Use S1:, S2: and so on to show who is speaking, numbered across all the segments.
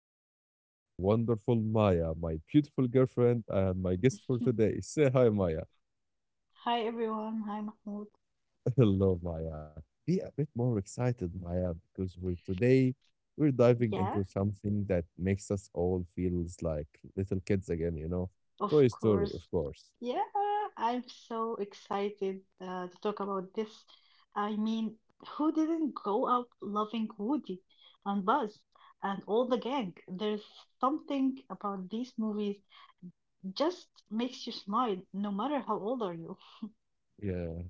S1: me
S2: Mhm.
S1: is the wonderful Maya, my beautiful girlfriend, and my guest for today. Say hi, Maya.
S2: Hi everyone, hi Mahmoud.
S1: Hello, Maya. Be a bit more excited, Maya, because we're diving
S2: Yeah,
S1: into something that makes us all feels like little kids again. You know,
S2: of
S1: Toy Story, of
S2: course.
S1: course.
S2: Yeah, I'm so excited to talk about this. I mean, who didn't go out loving Woody and Buzz and all the gang? There's something about these movies just makes you smile, no matter how old are you.
S1: Yeah,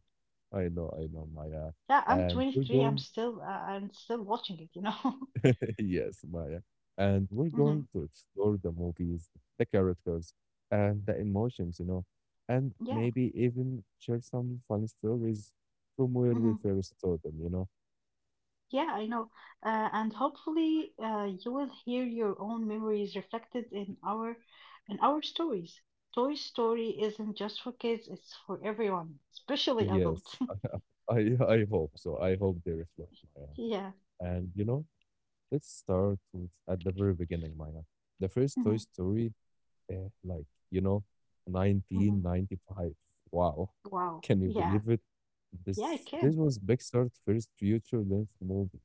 S1: I know, Maya,
S2: Yeah, I'm
S1: and we're
S2: 23.
S1: going
S2: I'm still watching it, you know.
S1: yes, Maya. And we're
S2: Mhm.
S1: going
S2: hmm
S1: to explore the movies, the characters, and the emotions, you know, and
S2: Yeah.
S1: maybe even share some funny stories from where we
S2: Mm-hmm.
S1: first saw them,
S2: Yeah, I know. And hopefully you will hear your own memories reflected in our stories. Toy Story isn't just for kids, it's for everyone, especially adults.
S1: Yes, I hope so. I hope they reflect Maya.
S2: Yeah.
S1: And you know, let's start with at the very beginning, Maya. The first Toy
S2: hmm
S1: Story eh, like, you know,
S2: hmm
S1: 1995. Wow.
S2: Wow.
S1: Can you
S2: Yeah.
S1: believe it?
S2: Yeah, I
S1: This
S2: can.
S1: was Pixar's first feature length movie.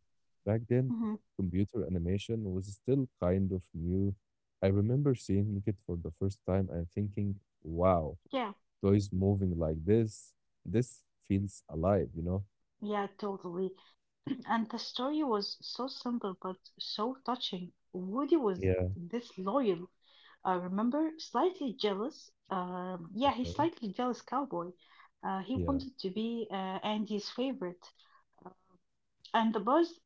S1: Back then,
S2: Hmm
S1: computer animation was still kind of new. I remember seeing it for the first time and thinking, wow,
S2: Yeah.
S1: toys moving like this. This feels alive, you know?
S2: Yeah, totally. And the story was so simple but so touching. Woody was
S1: Yeah,
S2: this loyal. I remember slightly jealous. Yeah,
S1: uh,
S2: he's slightly jealous cowboy. He
S1: yeah,
S2: wanted to be Andy's favorite, and the Buzz,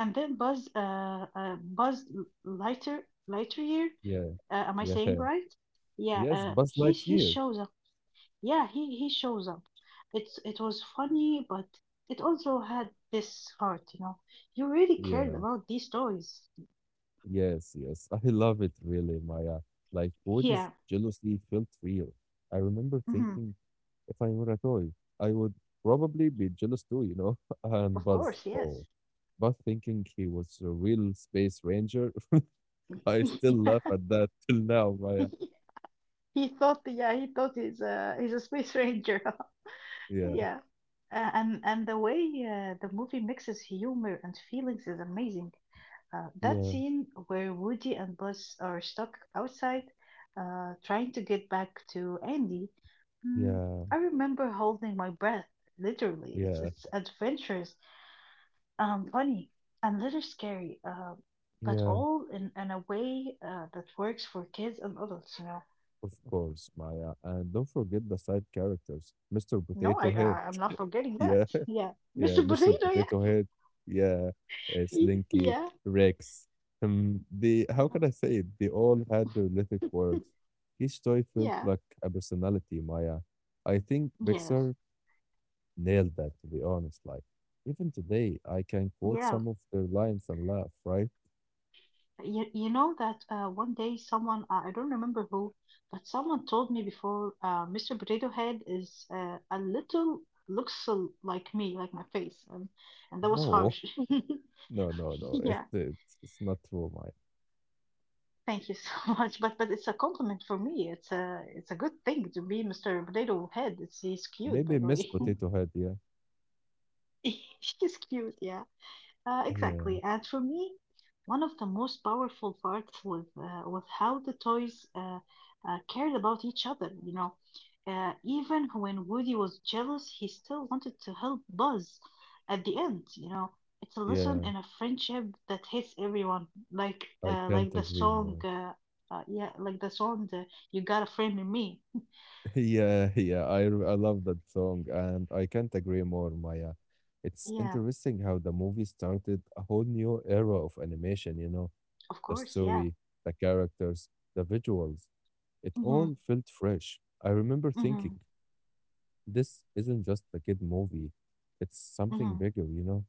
S2: and then Buzz lighter, lighter year.
S1: yeah,
S2: Am I
S1: yeah.
S2: saying right? Yeah,
S1: Yes, Buzz
S2: he
S1: Lightyear.
S2: shows up. Yeah, he shows up. It was funny, but it also had this heart. You know, you really cared
S1: Yeah,
S2: about these toys.
S1: yes, yes. I love it really, Maya. Like what is
S2: Yeah,
S1: jealousy felt real. I remember
S2: mhm,
S1: thinking if I were a toy, I would probably be jealous too, and
S2: of
S1: Buzz.
S2: course,
S1: Oh.
S2: yes.
S1: But thinking he was a real space ranger, I still laugh at that till now,
S2: Yeah.
S1: Maya.
S2: He thought, yeah, he thought he's a space ranger.
S1: Yeah,
S2: Yeah, and the way the movie mixes humor and feelings is amazing. That
S1: yeah,
S2: scene where Woody and Buzz are stuck outside, trying to get back to Andy. Mm,
S1: yeah,
S2: I remember holding my breath. Literally, it's
S1: yeah,
S2: it's adventurous, funny, and little scary. But
S1: yeah.
S2: all in a way that works for kids and adults, you know.
S1: Of course, Maya. And don't forget the side characters, Mr.
S2: No, I,
S1: Potato Head.
S2: I I'm not forgetting that.
S1: Yeah.
S2: Yeah,
S1: Yeah,
S2: Mr.
S1: Mr.
S2: Potato. Yeah,
S1: Potato Head. Yeah, Slinky,
S2: Yeah,
S1: Rex. The how can
S2: Mhm.
S1: I say it? They all had their little quirks. Each toy felt
S2: yeah.
S1: like a personality, Maya. I think
S2: Yes,
S1: Pixar nailed that, to be honest. Like, even today, I can quote
S2: yeah.
S1: some of their lines and laugh, right?
S2: You know that one day someone I don't remember who, but someone told me before Mr. Potato Head is a little looks like me, like my face, and that was
S1: No,
S2: harsh.
S1: no, no, no,
S2: Yeah.
S1: it's not true, Maya.
S2: Thank you so much. But it's a compliment for me. It's a good thing to be Mr. Potato Head. It's he's cute, by
S1: Maybe
S2: the
S1: Miss
S2: way.
S1: Potato Head, yeah.
S2: She's cute. Yeah.
S1: Yeah,
S2: Exactly. And for me, one of the most powerful parts with with how the toys cared about each other. You know, even when Woody was jealous, he still wanted to help Buzz. At the end, you know, it's a lesson
S1: yeah,
S2: in a friendship that hits everyone.
S1: I can't
S2: Like the
S1: agree
S2: song,
S1: more.
S2: uh, uh, yeah, like the song, "You Got a Friend in Me."
S1: Yeah, yeah, I love that song, and I can't agree more, Maya. It's
S2: Yeah,
S1: interesting how the movie started a whole new era of animation, you know,
S2: of
S1: the
S2: course. Yeah.
S1: story, the characters, the visuals. It
S2: Mm-hmm.
S1: all felt fresh. I remember
S2: Mm-hmm.
S1: thinking, this isn't just a kid movie. It's something
S2: Mm-hmm.
S1: bigger, you know?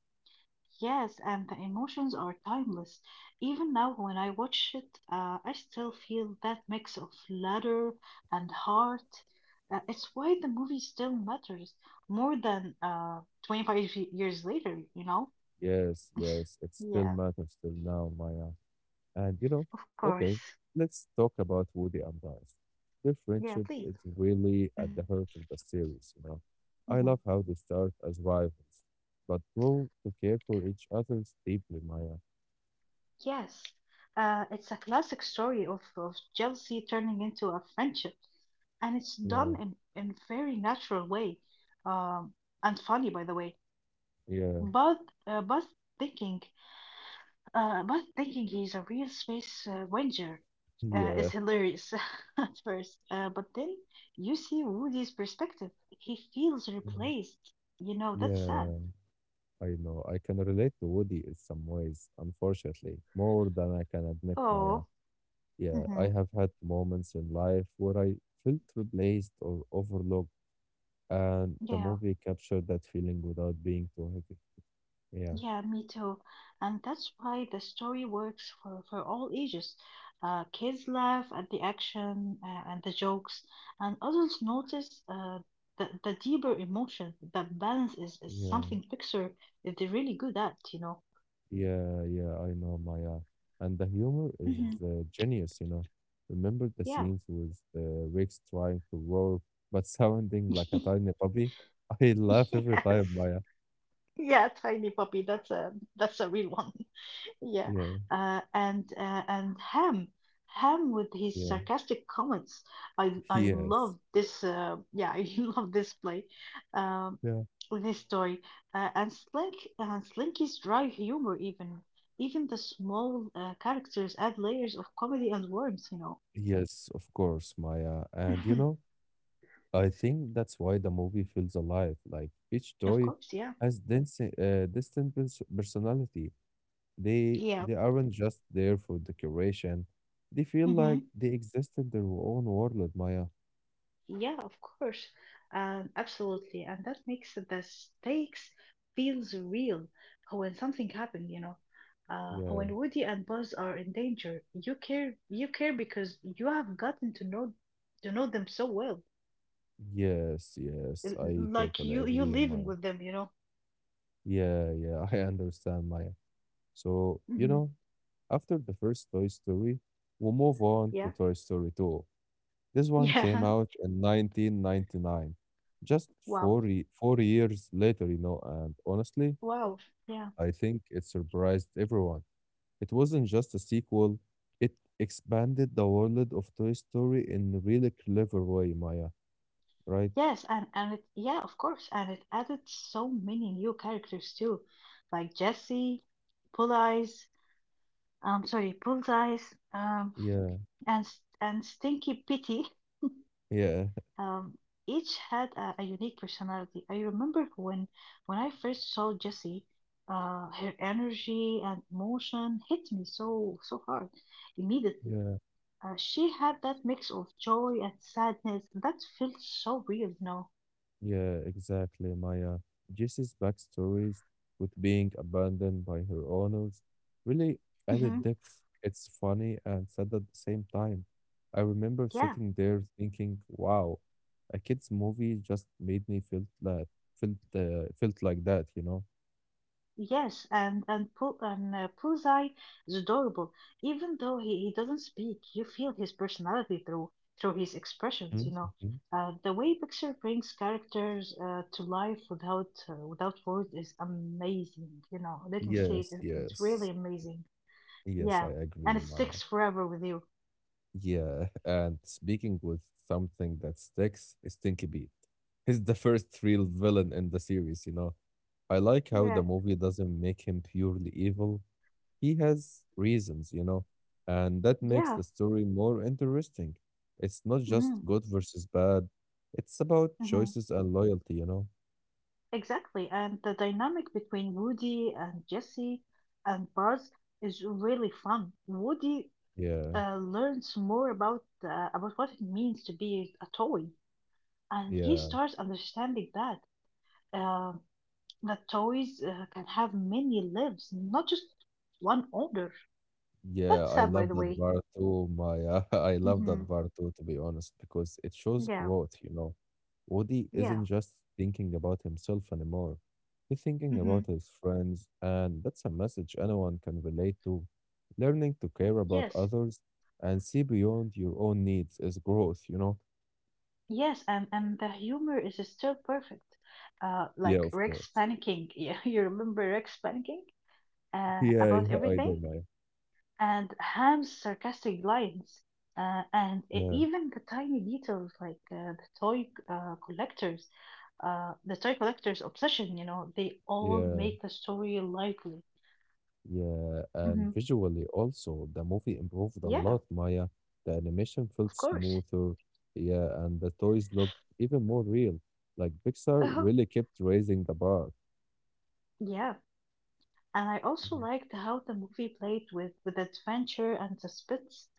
S2: Yes, and the emotions are timeless. Even now, when I watch it, I still feel that mix of ladder and heart. It's why the movie still matters more than 25 years later, you know?
S1: Yes, it still
S2: Yeah,
S1: matters till now, Maya. And you know,
S2: of
S1: okay,
S2: course.
S1: let's talk about Woody and Buzz. Their
S2: Yeah,
S1: friendship
S2: please.
S1: is really
S2: Hmm
S1: at the heart of the series, you know. I
S2: hmm
S1: love how they start as rivals, but grow to care for each other deeply, Maya.
S2: Yes. It's a classic story of jealousy turning into a friendship, and it's
S1: Yeah,
S2: done in very natural way, um, and funny, by the way.
S1: yeah,
S2: But uh, but thinking, but thinking is a real space ranger
S1: yeah,
S2: it's hilarious at first. But then you see Woody's perspective. He feels
S1: yeah,
S2: replaced. You know, that's sad.
S1: yeah. I know. I can relate to Woody in some ways, unfortunately, more than I can admit, Maya.
S2: Oh,
S1: Yeah, I
S2: mm-hmm.
S1: have had moments in life where I felt replaced or overlooked. And the
S2: yeah.
S1: movie captured that feeling without being too heavy. Yeah,
S2: Yeah, me too. And that's why the story works for all ages. Kids laugh at the action and the jokes, and adults notice the deeper emotion. The balance is
S1: yeah,
S2: something Pixar is really good at, you know.
S1: yeah, I know, Maya. And the humor
S2: Mhm.
S1: is genius, you know. Remember the
S2: Yeah.
S1: scenes with Rex trying to roar but sounding like a tiny puppy? I laugh every time,
S2: Yes.
S1: Maya.
S2: Yeah, tiny puppy. That's a real one. Yeah,
S1: Yeah,
S2: and Ham with his
S1: yeah,
S2: sarcastic comments. I
S1: yes,
S2: love this. Yeah, I love this play, um,
S1: yeah,
S2: this story, and Slinky's dry humor. Even the small characters add layers of comedy and warmth. You know.
S1: yes, of course, Maya. And you know, I think that's why the movie feels alive. Like each
S2: Of
S1: toy
S2: course, yeah,
S1: has distinct personality. They
S2: yeah.
S1: they aren't just there for decoration. They feel
S2: mm-hmm.
S1: like they exist in their own world, Maya.
S2: Yeah, of course. Absolutely. And that makes the stakes feels real when something happened, you know.
S1: Yeah.
S2: When Woody and Buzz are in danger, you care because you have gotten to know them so well.
S1: Yes, I
S2: Like
S1: totally
S2: you
S1: agree,
S2: living
S1: Maya.
S2: with them, you know.
S1: Yeah, yeah, I understand, Maya. So, you
S2: Hmm
S1: know, after the first Toy Story, we move on to
S2: Yeah.
S1: Toy Story 2. This one came
S2: Yeah.
S1: out in 1999, just
S2: Wow.
S1: 4 years later, you know, and honestly,
S2: Wow. Yeah.
S1: I think it surprised everyone. It wasn't just a sequel, it expanded the world of Toy Story in a really clever way, Maya, right?
S2: Yes, yeah, of course, and it added so many new characters too, like Jesse, Bullseye, sorry, bullseyes, um,
S1: Yeah,
S2: and and Stinky Pity,
S1: yeah,
S2: um, each had a unique personality. I remember when I first saw Jessie, her energy and emotion hit me so hard immediately.
S1: yeah,
S2: She had that mix of joy and sadness that felt so real, No,
S1: yeah, exactly, Maya. Jessie's backstories with being abandoned by her owners really added
S2: hmm
S1: depth. It's funny and sad at the same time. I remember
S2: Yeah.
S1: sitting there thinking, wow, a kid's movie just made me feel that felt like that, you know?
S2: Yes, and Puzai is adorable. Even though he doesn't speak, you feel his personality through his expressions.
S1: Mhm,
S2: You know,
S1: mhm.
S2: the way Pixar brings characters to life without without words is amazing. You know, let me say it,
S1: Yes,
S2: it's
S1: yes.
S2: really amazing.
S1: Yes, I
S2: Yeah, and
S1: agree,
S2: it sticks
S1: Maya.
S2: forever with you.
S1: Yeah, and speaking with something that sticks is Stinky Beat. He's the first real villain in the series, you know. I like how
S2: Yeah,
S1: the movie doesn't make him purely evil. He has reasons, you know, and that makes
S2: yeah,
S1: the story more interesting. It's not just
S2: hmm
S1: good versus bad, it's about
S2: hmm
S1: choices and loyalty, you know.
S2: exactly. And the dynamic between Woody and Jesse and Buzz is really fun. Woody
S1: Yeah,
S2: learns more about what it means to be a toy, and he
S1: yeah.
S2: starts understanding uh, that toys can have many lives, not just one owner.
S1: Yeah,
S2: That's
S1: I
S2: sad, by
S1: love
S2: the
S1: that
S2: way.
S1: bar too, Maya. I love that
S2: Hmm
S1: bar too, to be honest, because it shows
S2: Yeah,
S1: growth, you know. Woody
S2: yeah,
S1: isn't just thinking about himself anymore. He's thinking
S2: Mm-hmm.
S1: about his friends, and that's a message anyone can relate to. Learning to care about
S2: yes,
S1: others and see beyond your own needs is growth, you know?
S2: yes, and the humor is still perfect.
S1: Yeah,
S2: Like
S1: of
S2: Rex
S1: course.
S2: panicking. Yeah, you remember Rex panicking
S1: Yeah,
S2: about
S1: I do, Maya.
S2: everything? And Ham's sarcastic lines, and
S1: Yeah,
S2: even the tiny details like the toy collectors, the toy collectors' obsession, you know, they all
S1: yeah.
S2: make the story lively.
S1: Yeah, and
S2: Hmm
S1: visually also, the movie improved a
S2: Yeah,
S1: lot, Maya. The animation felt
S2: of course.
S1: smoother, yeah, and the toys looked even more real. Like Pixar
S2: Uh,
S1: really kept raising the bar.
S2: yeah, and I also
S1: Yeah,
S2: liked how the movie played with adventure and suspense.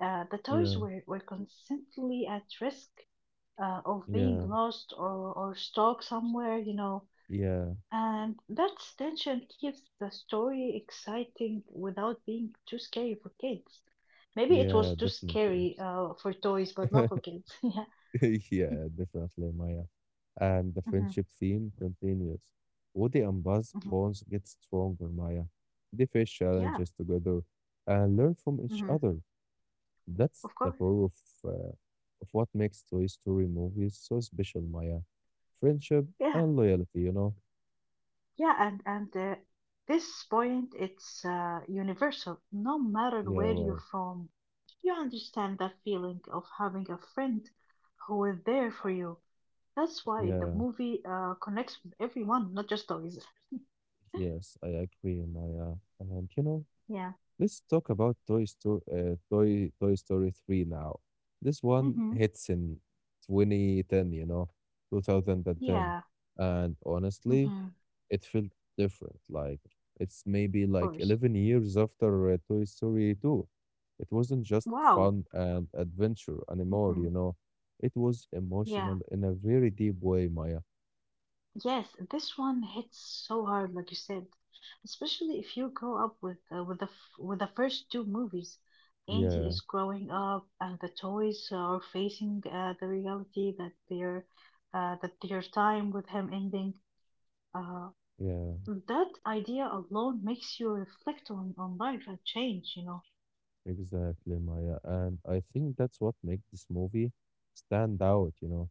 S2: The toys
S1: yeah,
S2: were constantly at risk of being
S1: yeah,
S2: lost or stuck somewhere, you know.
S1: yeah,
S2: And that tension keeps the story exciting without being too scary for kids. Maybe it
S1: yeah,
S2: was too
S1: definitely.
S2: scary for toys, but not for kids. yeah.
S1: Yeah, definitely, Maya. And the
S2: hmm
S1: friendship theme continues. Woody and Buzz
S2: hmm
S1: bonds get stronger, Maya. They face
S2: Yeah.
S1: challenges together and learn from each
S2: hmm
S1: other. That's
S2: Of
S1: the
S2: course.
S1: core uh, of what makes Toy Story movies so special, Maya. Friendship
S2: Yeah.
S1: and loyalty, you know?
S2: Yeah. And this point, it's universal. No matter
S1: Yeah,
S2: where
S1: right.
S2: you're from, you understand that feeling of having a friend who is there for you. That's why the
S1: Yeah,
S2: movie connects with everyone, not just toys.
S1: yes, I agree, Maya. And, you know,
S2: Yeah.
S1: let's talk about Toy Story, Toy Story 3 now. This one
S2: hmm
S1: hits in 2010, you know, 2010.
S2: Yeah.
S1: And
S2: Mhm,
S1: honestly,
S2: of
S1: it felt different. Like it's maybe like
S2: course.
S1: 11 years after Toy Story 2. It wasn't just
S2: Wow.
S1: fun and adventure anymore,
S2: hmm
S1: you know. It was
S2: Yeah.
S1: emotional in a very deep way, Maya.
S2: Yes, this one hits so hard, like you said, especially if you grow up with the f with the first two movies. Andy
S1: Yeah,
S2: is growing up, and the toys are facing the reality that their time with him ending. Uh,
S1: yeah,
S2: that idea alone makes you reflect on life and change, you know.
S1: exactly, Maya. And I think that's what makes this movie stand out, you know.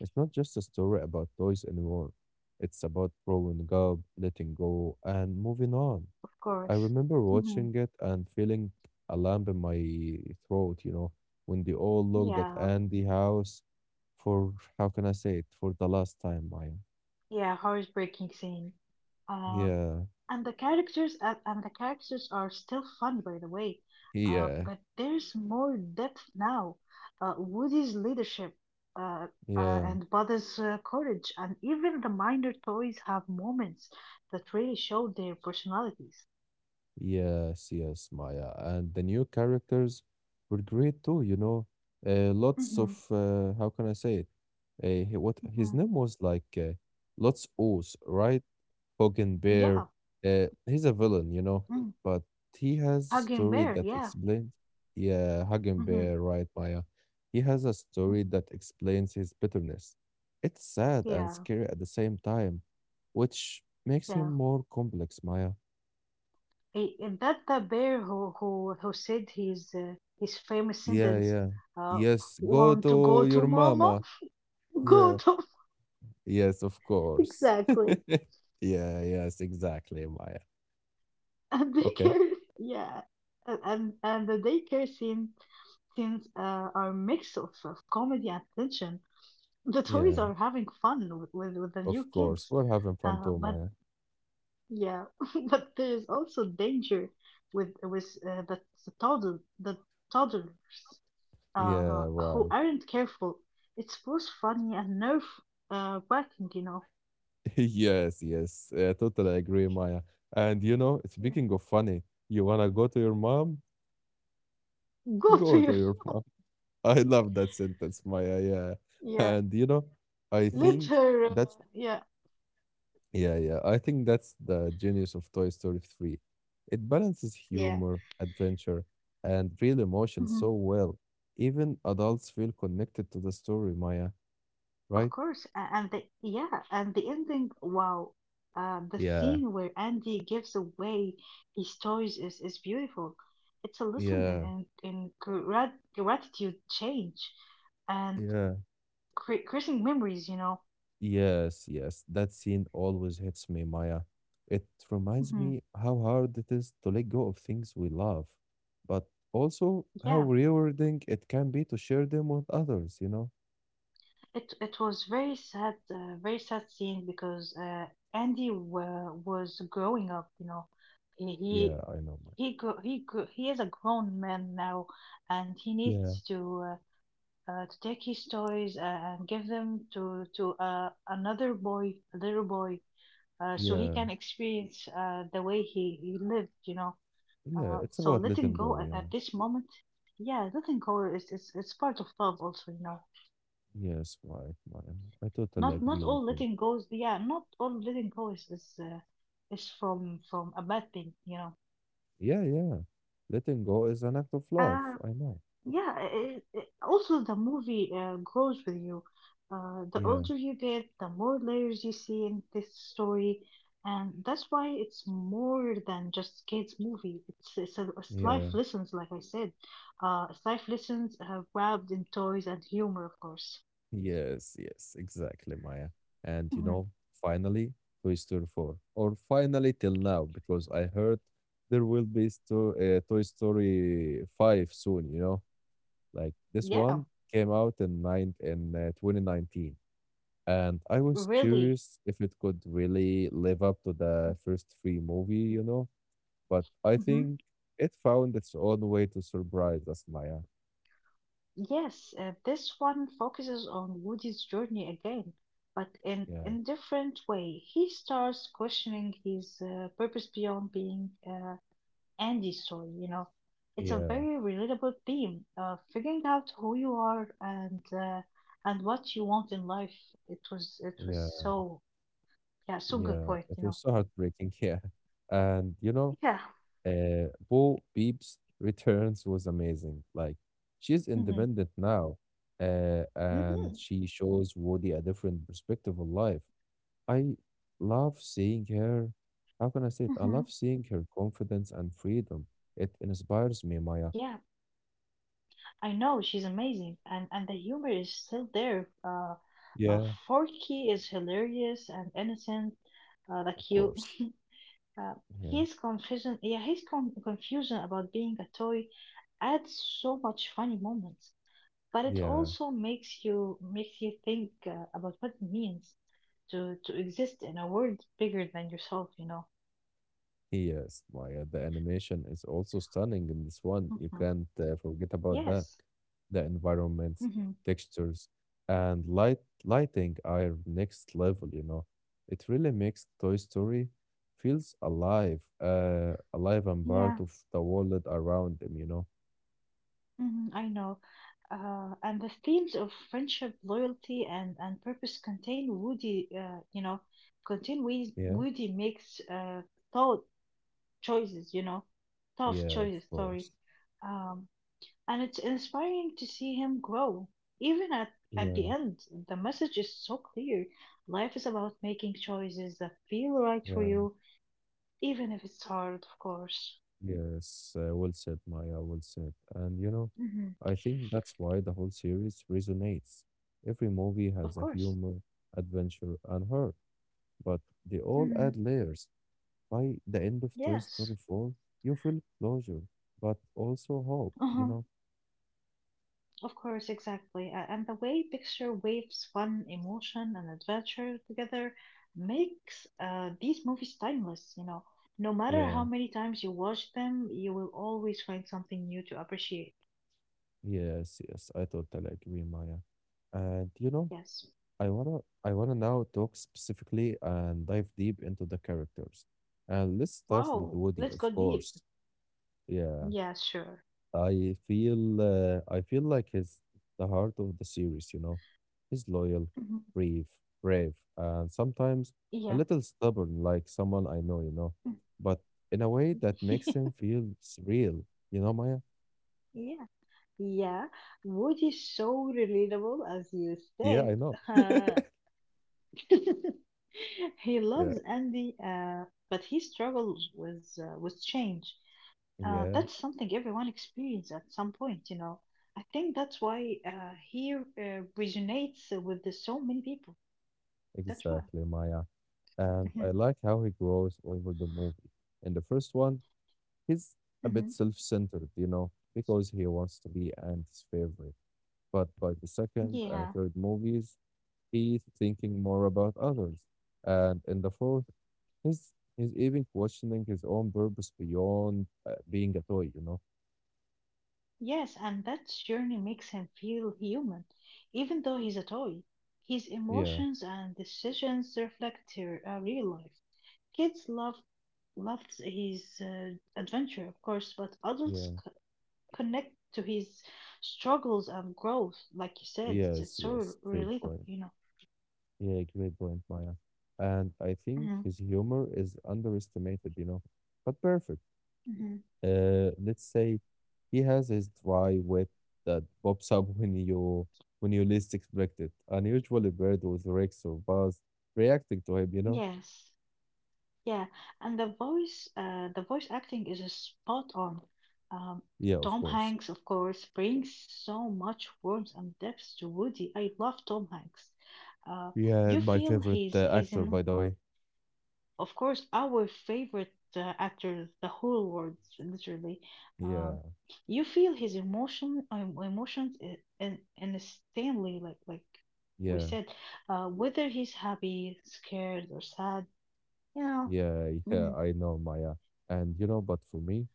S1: It's not just a story about toys anymore. It's about growing up, letting go, and moving on.
S2: Of
S1: I
S2: course.
S1: remember
S2: Hmm
S1: watching it and feeling a lump in my throat, you know, when they all looked at
S2: Yeah.
S1: Andy House for, how can I say it, for the last time, Maya.
S2: Yeah. Heartbreaking scene. Um,
S1: Yeah,
S2: and the characters are still funny by the way
S1: yeah,
S2: but there's more depth now woody's leadership uh,
S1: yeah,
S2: and Buddy's courage, and even the minor toys have moments that really show their personalities.
S1: yes, Maya. And the new characters were great too, you know. Lots of,
S2: Mm-hmm.
S1: how can I say it? He- what his
S2: Mm-hmm.
S1: name was like, lots O's, right? Hogan Bear.
S2: Yeah,
S1: He's a villain, you know,
S2: mm.
S1: but he has a
S2: Hugging
S1: story
S2: bear.
S1: that
S2: Yeah,
S1: explains. Yeah, Hagen
S2: mm-hmm.
S1: Bear, right, Maya? He has a story that explains his bitterness. It's sad and
S2: yeah,
S1: scary at the same time, which makes him
S2: yeah.
S1: more complex, Maya.
S2: Eh, and that the bear who said his famous
S1: Yeah,
S2: sentence,
S1: yeah.
S2: uh,
S1: Yes, go
S2: "Want to go
S1: to
S2: to
S1: your
S2: mama?
S1: mama.
S2: Go
S1: Yeah.
S2: to"
S1: Yes, of course.
S2: Exactly.
S1: Yeah, yes, exactly, Maya.
S2: And
S1: Okay.
S2: daycare, yeah. And and the daycare scene scenes are a mix of comedy and tension. The toys
S1: Yeah,
S2: are having fun with the new
S1: of course.
S2: kids.
S1: We're having fun too,
S2: But
S1: Maya.
S2: yeah, but there is also danger with the toddler uh,
S1: Yeah,
S2: who
S1: right.
S2: aren't careful. It's both funny and nerve wracking, you know.
S1: Yes, Totally agree, Maya. And you know,
S2: Yeah.
S1: speaking of funny, you wanna go to your mom?
S2: Go to
S1: Go to
S2: your
S1: your mom. I love that sentence, Maya. Yeah,
S2: yeah.
S1: and you know, I
S2: Mhm. Let
S1: think
S2: her
S1: that's
S2: yeah
S1: yeah, yeah. I think that's the genius of Toy Story 3. It balances
S2: yeah.
S1: humor, adventure, and real emotion
S2: hmm
S1: so well. Even adults feel connected to the story, Maya,
S2: Of
S1: right?
S2: course, a- and the yeah, and the ending. Wow, the
S1: Yeah,
S2: scene where Andy gives away his toys is beautiful. It's a lesson
S1: yeah,
S2: in gratitude, change, and
S1: yeah.
S2: creating memories. You know.
S1: Yes, that scene always hits me, Maya. It reminds
S2: Hmm
S1: me how hard it is to let go of things we love, but also how
S2: Yeah,
S1: rewarding it can be to share them with others, you know?
S2: it was very sad scene because Andy wa was growing up. You know, he he
S1: Yeah, I know, Maya.
S2: he is a grown man now, and he
S1: Yeah,
S2: needs to. Uh, to take his toys and give them to another boy, a little boy, so he
S1: yeah,
S2: can experience the way he lived, you know.
S1: yeah, it's
S2: So
S1: about
S2: letting
S1: letting
S2: go
S1: go, yeah.
S2: at this moment, yeah, letting go is it's part of love also, you know.
S1: Yes, right, Maya. I totally
S2: Not not
S1: agree with
S2: all
S1: you.
S2: letting goes, yeah, not all letting go is from a bad thing, you
S1: Yeah, yeah. Letting go is an act of love,
S2: know.
S1: I know.
S2: Yeah, also the movie grows with you. The
S1: Yeah,
S2: older you get, the more layers you see in this story, and that's why it's more than just kids' movie. It's
S1: yeah.
S2: life lessons, like I said. It's life lessons wrapped in toys and humor, of course.
S1: Yes, exactly, Maya. And you
S2: Hmm
S1: know, finally, Toy Story 4, or finally till now, because I heard there will be Toy Story 5 soon, you know. Like this
S2: Yeah,
S1: one came out in nine in 2019, and I was
S2: really.
S1: curious if it could really live up to the first three movie, you know, but I
S2: Mm-hmm.
S1: think it found its own way to surprise us, Maya.
S2: Yes, this one focuses on Woody's journey again, but
S1: Yeah,
S2: in a different way. He starts questioning his purpose beyond being Andy's story, you know. It's a
S1: yeah,
S2: very relatable theme, figuring out who you are and what you want in life. It was
S1: yeah.
S2: so yeah, so good
S1: Yeah,
S2: point,
S1: it
S2: you
S1: was
S2: know.
S1: so heartbreaking. Yeah. And you know,
S2: Yeah.
S1: Bo Peep's returns was amazing. Like, she's
S2: Mm-hmm.
S1: independent now, and
S2: hmm
S1: she shows Woody a different perspective of life. I love seeing her. How can I say it? I
S2: hmm
S1: love seeing her confidence and freedom. It inspires me, Maya.
S2: Yeah. I know she's amazing, and the humor is still there. Uh,
S1: Yeah.
S2: Forky is hilarious and innocent, like
S1: Of
S2: you.
S1: course.
S2: Uh,
S1: Yeah.
S2: his confusion, yeah, confusion about being a toy adds so much funny moments, but it
S1: Yeah.
S2: also makes you think about what it means to exist in a world bigger than yourself. You know.
S1: Yes, like the animation is also stunning in this one. You
S2: hmm
S1: can't forget about that.
S2: Yes.
S1: The environments,
S2: hmm
S1: textures, and lighting are next level, you know. It really makes Toy Story feels alive, alive and part
S2: Yeah.
S1: of the world around them, you know.
S2: I know. And the themes of friendship, loyalty, and purpose contain Woody,
S1: Yeah,
S2: Woody makes thought choices, you know, tough
S1: yeah, of
S2: choices, sorry.
S1: course.
S2: Um, and it's inspiring to see him grow. Even at, at
S1: Yeah,
S2: the end, the message is so clear. Life is about making choices that feel right for
S1: yeah.
S2: you, even if it's hard, of course.
S1: Yes, well said, Maya, well said. And you know,
S2: hmm
S1: I think that's why the whole series resonates. Every movie
S2: Of
S1: has a
S2: course.
S1: humor, adventure, and horror, but they all
S2: hmm
S1: add layers. By the end of Toy
S2: Yes.
S1: Story 4, you feel closure, but also hope, you know?
S2: Of course, exactly. And the way Picture waves fun, emotion, and adventure together makes these movies timeless, you know. No matter
S1: Yeah,
S2: how many times you watch them, you will always find something new to appreciate.
S1: yes, I totally agree, Maya. And you know,
S2: Yes.
S1: I wanna now talk specifically and dive deep into the characters. And let's start with
S2: Wow,
S1: Woody,
S2: let's
S1: of
S2: go deep.
S1: course. Yeah,
S2: Yeah, sure.
S1: I feel like he's the heart of the series, you know. He's loyal,
S2: Mhm.
S1: brave, and sometimes a
S2: Yeah.
S1: little stubborn like someone I know, you know.
S2: Mm.
S1: But in a way that makes him feel real, you know, Maya?
S2: Yeah. Yeah. Woody is so relatable, as you
S1: Yeah,
S2: said.
S1: I know.
S2: He
S1: Yeah.
S2: loves Andy, but he struggles with change. Uh,
S1: Yeah,
S2: that's something everyone experiences at some point, you know. I think that's why he resonates with so many people. That's why.
S1: exactly, Maya. And I
S2: Mhm,
S1: like how he grows over the movie. In the first one, he's a bit
S2: mhm.
S1: self-centered, you know,
S2: So,
S1: because he wants to be Andy's favorite. But by the second and
S2: yeah,
S1: third movies, he's thinking more about others. And in the fourth, he's even questioning his own purpose beyond being a toy, you know?
S2: yes, and that journey makes him feel human, even though he's a toy. His
S1: Yeah,
S2: emotions and decisions reflect their real life. Kids love loved his adventure, of course, but
S1: yeah,
S2: connect to his struggles and growth. Like you said,
S1: yes,
S2: it's so
S1: yes. Great
S2: relatable,
S1: point.
S2: you know.
S1: Yeah, great point, Maya. And I think
S2: hmm
S1: his humor is underestimated, you know, but perfect.
S2: hmm
S1: Let's say he has his dry wit that pops up when you least expect it. Unusually bird with Rex or Buzz reacting to him, you know?
S2: Yes, yeah, and the voice, acting is just spot on. Um,
S1: Yeah, of
S2: Tom
S1: course.
S2: Hanks, of course, brings so much warmth and depth to Woody. I love Tom Hanks. Uh,
S1: Yeah,
S2: you
S1: my
S2: feel
S1: favorite
S2: his
S1: actor, by the way.
S2: Of course, our favorite actor, the whole world, literally.
S1: Yeah,
S2: Um, you feel his emotions, in Stanley, like we
S1: yeah,
S2: said, whether he's happy, scared, or sad, you know.
S1: yeah, yeah.
S2: Mm-hmm.
S1: I know, Maya, and you know, but for me,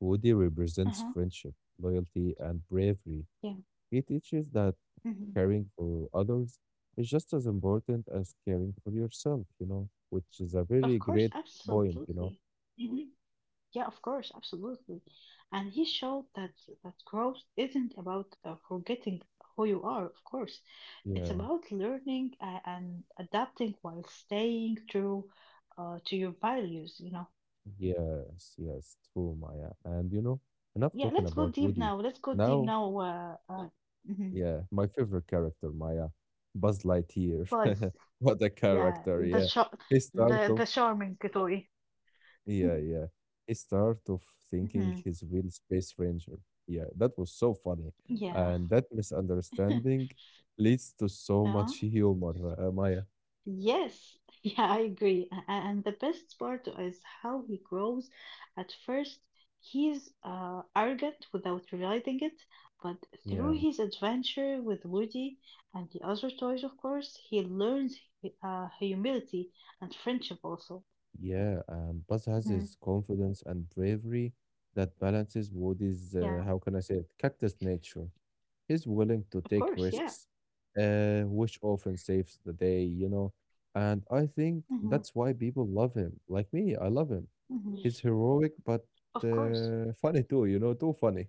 S1: Woody represents
S2: Uh-huh.
S1: friendship, loyalty, and bravery.
S2: Yeah.
S1: He teaches that
S2: Mm-hmm.
S1: caring for others is just as important as caring for yourself. You know, which is a
S2: Of
S1: very
S2: course,
S1: great point. You know.
S2: absolutely. Mm-hmm. Yeah, of course, absolutely. And he showed that growth isn't about forgetting who you are, of course. It's
S1: Yeah.
S2: about learning and adapting while staying true to your values, you know.
S1: Yes. Yes. True, Maya. And you know, enough
S2: Yeah,
S1: talking
S2: let's go
S1: about
S2: deep
S1: Woody.
S2: now. Let's go deep
S1: Now,
S2: now. Mhm.
S1: yeah, my favorite character, Maya, Buzz Lightyear.
S2: Buzz.
S1: What a
S2: Yeah,
S1: character,
S2: the
S1: yeah.
S2: sh
S1: He start of
S2: the charming Kitoi.
S1: yeah, yeah. He start of thinking
S2: Mhm.
S1: he's real space ranger. Yeah, that was so funny.
S2: Yeah.
S1: And that misunderstanding leads to so
S2: Yeah.
S1: much humor, Maya.
S2: Yes, yeah, I agree. And the best part is how he grows. At first, he's arrogant without realizing it, but
S1: Yeah,
S2: through his adventure with Woody and the other toys, of course, he learns humility and friendship also.
S1: yeah. And Buzz has
S2: Mhm.
S1: his confidence and bravery that balances Woody's,
S2: Yeah,
S1: how can I say it, cactus nature. He's willing to
S2: of
S1: take
S2: course, yeah.
S1: risks, which often saves the day, you know. And I think
S2: hmm
S1: that's why people love him. Like me, I love him.
S2: hmm
S1: He's heroic, but
S2: Of course,
S1: funny too, you know, too funny.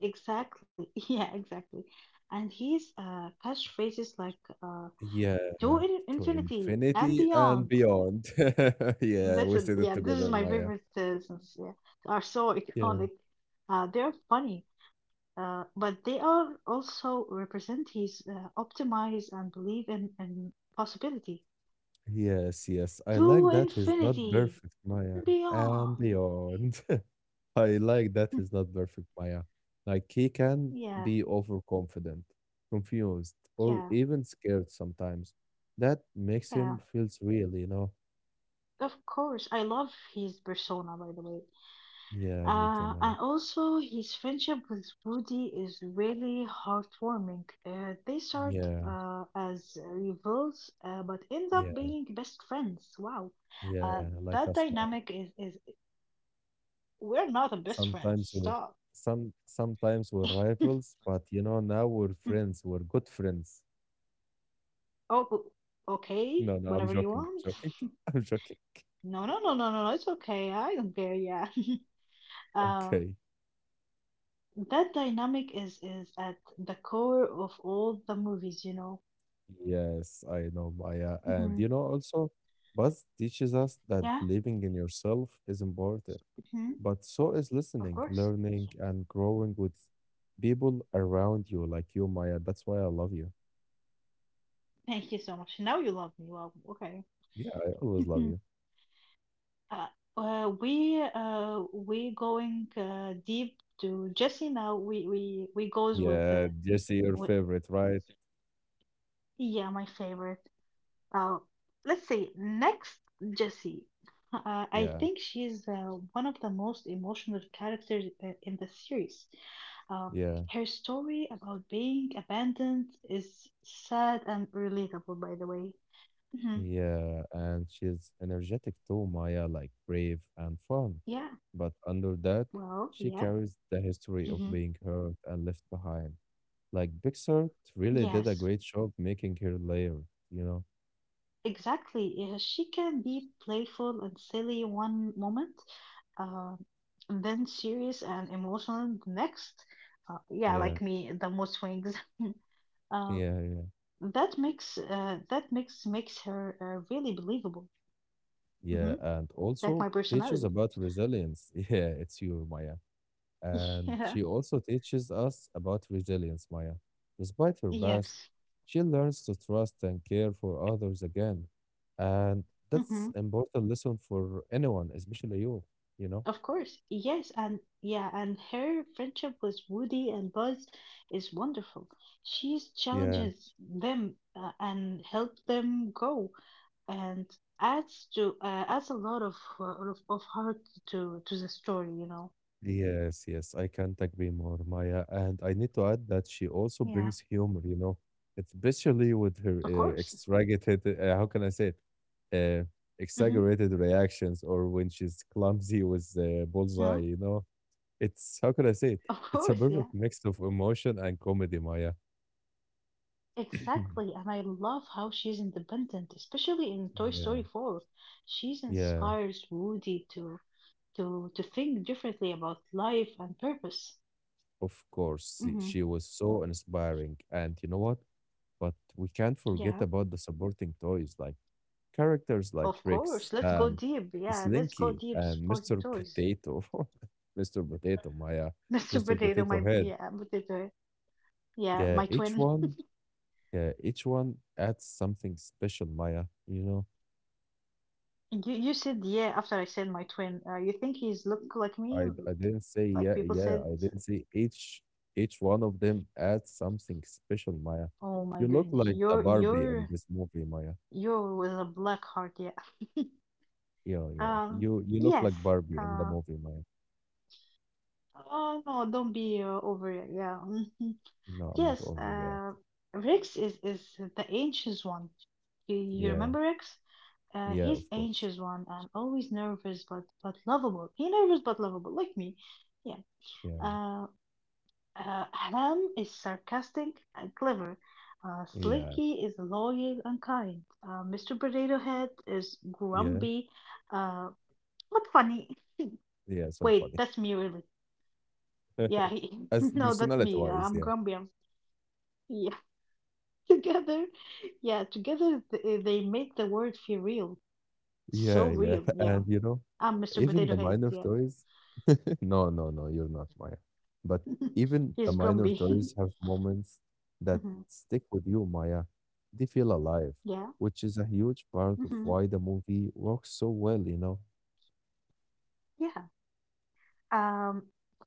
S2: exactly. Yeah, exactly. And he's catchphrases like uh,
S1: Yeah,
S2: to
S1: to
S2: infinity and
S1: infinity and
S2: beyond.
S1: beyond. Yeah,
S2: This
S1: we
S2: is
S1: said it
S2: yeah, this is
S1: together,
S2: my
S1: Maya.
S2: favorite citizens. Yeah, they are so
S1: Yeah.
S2: iconic. They are funny, but they are also represent his optimize and believe in possibility
S1: Yes, yes. I like
S2: to
S1: that he's not
S2: infinity
S1: perfect, Maya,
S2: and
S1: and
S2: beyond.
S1: beyond. I like that he's not perfect, Maya. Like he can
S2: yeah,
S1: be overconfident, confused, or
S2: yeah,
S1: even scared sometimes. That makes
S2: yeah.
S1: him feels real, you know?
S2: Of course, I love his persona. By the way,
S1: Yeah, me too,
S2: uh,
S1: Maya.
S2: and also, his friendship with Woody is really heartwarming. They start
S1: Yeah,
S2: as rivals, but end up
S1: yeah,
S2: being best friends. Wow,
S1: yeah,
S2: uh,
S1: like
S2: that
S1: us, Maya.
S2: dynamic is we're not the best friends.
S1: Sometimes we're
S2: Stop.
S1: sometimes we're rivals, but you know, now we're friends, we're good friends.
S2: Oh, okay,
S1: No, no, I'm
S2: whatever you
S1: joking,
S2: want.
S1: I'm joking.
S2: No, no, no, no, no, no, it's okay. I don't care. Yeah.
S1: Okay.
S2: Um, that dynamic is at the core of all the movies, you know.
S1: Yes, I know, Maya.
S2: Right.
S1: And you know, also, Buzz teaches us that
S2: Yeah.
S1: believing in yourself is important,
S2: Mm-hmm.
S1: but so is
S2: Of
S1: listening,
S2: course.
S1: learning,
S2: So,
S1: and growing with people around you, like you, Maya. That's why I love you.
S2: thank you so much. Now you love me. Wow. Okay.
S1: Yeah, I always love you.
S2: uh, we going deep to Jesse now. We goes with
S1: Yeah,
S2: the
S1: Jesse, your
S2: with,
S1: favorite, right?
S2: yeah my favorite. Uh, let's see next Jesse. I
S1: Yeah,
S2: think she's one of the most emotional characters in the series. Um,
S1: yeah,
S2: her story about being abandoned is sad and relatable, by the way. hmm
S1: yeah. And she's energetic too, Maya, like brave and fun.
S2: Yeah.
S1: But under that,
S2: Well,
S1: she
S2: yeah.
S1: carries the history of
S2: hmm
S1: being hurt and left behind. Like Pixar really did a
S2: Yes,
S1: great job making her layer, you know?
S2: exactly. Yeah, she can be playful and silly one moment, uh, and then serious and emotional the next. Yeah,
S1: Yeah,
S2: like me, the mood swings. uh,
S1: yeah, yeah,
S2: that makes makes her really believable.
S1: yeah.
S2: hmm
S1: And
S2: Like
S1: also
S2: my
S1: teaches
S2: personality.
S1: about resilience. Yeah, it's you, Maya. And
S2: Yeah.
S1: she also teaches us about resilience, Maya. Despite her past,
S2: Yes.
S1: she learns to trust and care for others again. And that's important lesson for anyone, especially you, you know?
S2: Of course, yes, and yeah, and her friendship with Woody and Buzz is wonderful. She
S1: Yeah.
S2: challenges them and helps them go, and adds to adds a lot of, of heart to the story. You know,
S1: Yes, yes, I can't agree more, Maya. And I need to add that she
S2: Yeah.
S1: also brings humor, you know, especially with
S2: of
S1: her
S2: course.
S1: exaggerated, how can I say it? Uh,
S2: hmm
S1: exaggerated reactions or when she's clumsy with the
S2: Yeah,
S1: bullseye, you know. It's, how can I say it?
S2: of
S1: It's a
S2: course. Yeah,
S1: perfect mix of emotion and comedy, Maya.
S2: exactly. And I love how she's independent, especially in Toy
S1: Yeah,
S2: Story Four. She
S1: yeah,
S2: inspires Woody to think differently about life and purpose.
S1: of course. She
S2: hmm
S1: was so inspiring. And you know what? But we can't forget
S2: Yeah.
S1: about the supporting toys. Like, characters like
S2: Of
S1: Rex,
S2: course, let's go deep. Yeah, let's go
S1: Slinky,
S2: deep.
S1: and
S2: Supporting
S1: Mr.
S2: toys.
S1: Potato, Mr. Potato, Maya,
S2: Mr.
S1: Mr.
S2: Potato,
S1: Potato
S2: my
S1: Head.
S2: yeah, potato. Yeah,
S1: Yeah,
S2: my
S1: each
S2: twin.
S1: one, yeah, each one adds something special, Maya. You know,
S2: You said yeah after I said my twin. You think he's look like me?
S1: I didn't say yeah,
S2: Like people
S1: yeah,
S2: said.
S1: I didn't say each one of them adds something special, Maya.
S2: Oh my
S1: You look
S2: goodness,
S1: like the
S2: you're
S1: Barbie in
S2: you're
S1: this movie, Maya.
S2: you're with a black heart. Yeah.
S1: Yeah, yeah.
S2: Um.
S1: You look
S2: Yes.
S1: like Barbie in the
S2: Uh.
S1: movie, Maya.
S2: Oh no, don't be over it. Yeah.
S1: No, I'm not
S2: Yes,
S1: overreact.
S2: Rex is the anxious one. You
S1: Yeah,
S2: remember Rex?
S1: yeah,
S2: He's
S1: of course.
S2: anxious one and always nervous but lovable. He nervous but lovable, like me. Yeah.
S1: Yeah,
S2: Uh, Ham is sarcastic and clever.
S1: yeah.
S2: Slinky is loyal and kind. Mr. Potato Head is
S1: Yeah,
S2: grumpy, uh, but funny.
S1: yeah, so
S2: Wait,
S1: funny.
S2: that's me really. Yeah,
S1: As
S2: no, that's me.
S1: personality-wise,
S2: I'm
S1: yeah.
S2: grumpy. I'm, yeah. Together yeah they make the world feel real,
S1: Yeah,
S2: so
S1: yeah,
S2: real
S1: and
S2: yeah.
S1: you know,
S2: I'm Mr.
S1: even the
S2: Potato Head,
S1: minor
S2: yeah.
S1: toys no, no, no, you're not Maya. But even the
S2: He's
S1: minor
S2: grumpy.
S1: toys have moments that
S2: hmm
S1: stick with you, Maya. They feel alive,
S2: yeah
S1: which is a huge part of
S2: hmm
S1: why the movie works so well, you know?
S2: yeah um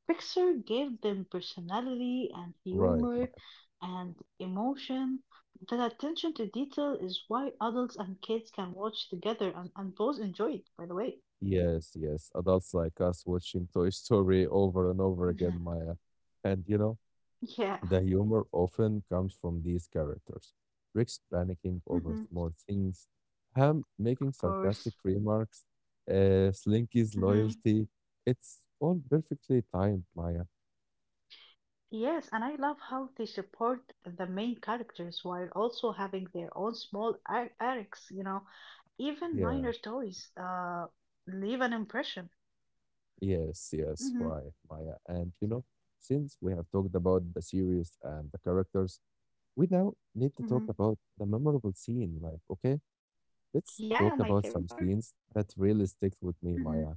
S2: Pixar gave them personality and
S1: Right,
S2: humor
S1: Maya.
S2: and emotion. That attention to detail is why adults and kids can watch together and, both enjoy it, by the way.
S1: Yes, yes. Adults like us watching Toy Story over and over again,
S2: Mhm.
S1: Maya. And you know,
S2: yeah
S1: the humor often comes from these characters. Rick's panicking over
S2: hmm
S1: small things, Ham
S2: of
S1: making
S2: course.
S1: sarcastic remarks, Slinky's
S2: Mm-hmm.
S1: loyalty. It's all perfectly timed, Maya.
S2: Yes, and I love how they support the main characters while also having their own small arcs, you know, even minor
S1: Yeah,
S2: toys leave an impression.
S1: yes, yes,
S2: hmm
S1: right, Maya. And you know, since we have talked about the series and the characters, we now need to talk
S2: hmm
S1: about the memorable scene. Like, okay, let's
S2: Yeah,
S1: talk
S2: my
S1: about
S2: favorite
S1: some
S2: part.
S1: scenes that really sticks with me,
S2: hmm
S1: Maya.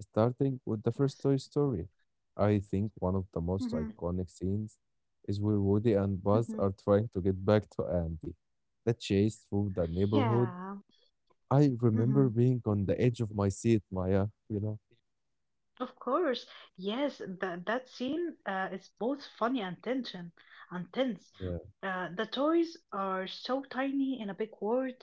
S1: Starting with the first
S2: Yes.
S1: Toy Story. I think one of the most
S2: hmm
S1: iconic scenes is where Woody and Buzz
S2: hmm
S1: are trying to get back to Andy. The chase through the neighborhood.
S2: Yeah.
S1: I remember
S2: hmm
S1: being on the edge of my seat, Maya, you know?
S2: Of course, yes, that scene is both funny and tension and tense.
S1: Yeah,
S2: The toys are so tiny in a big world,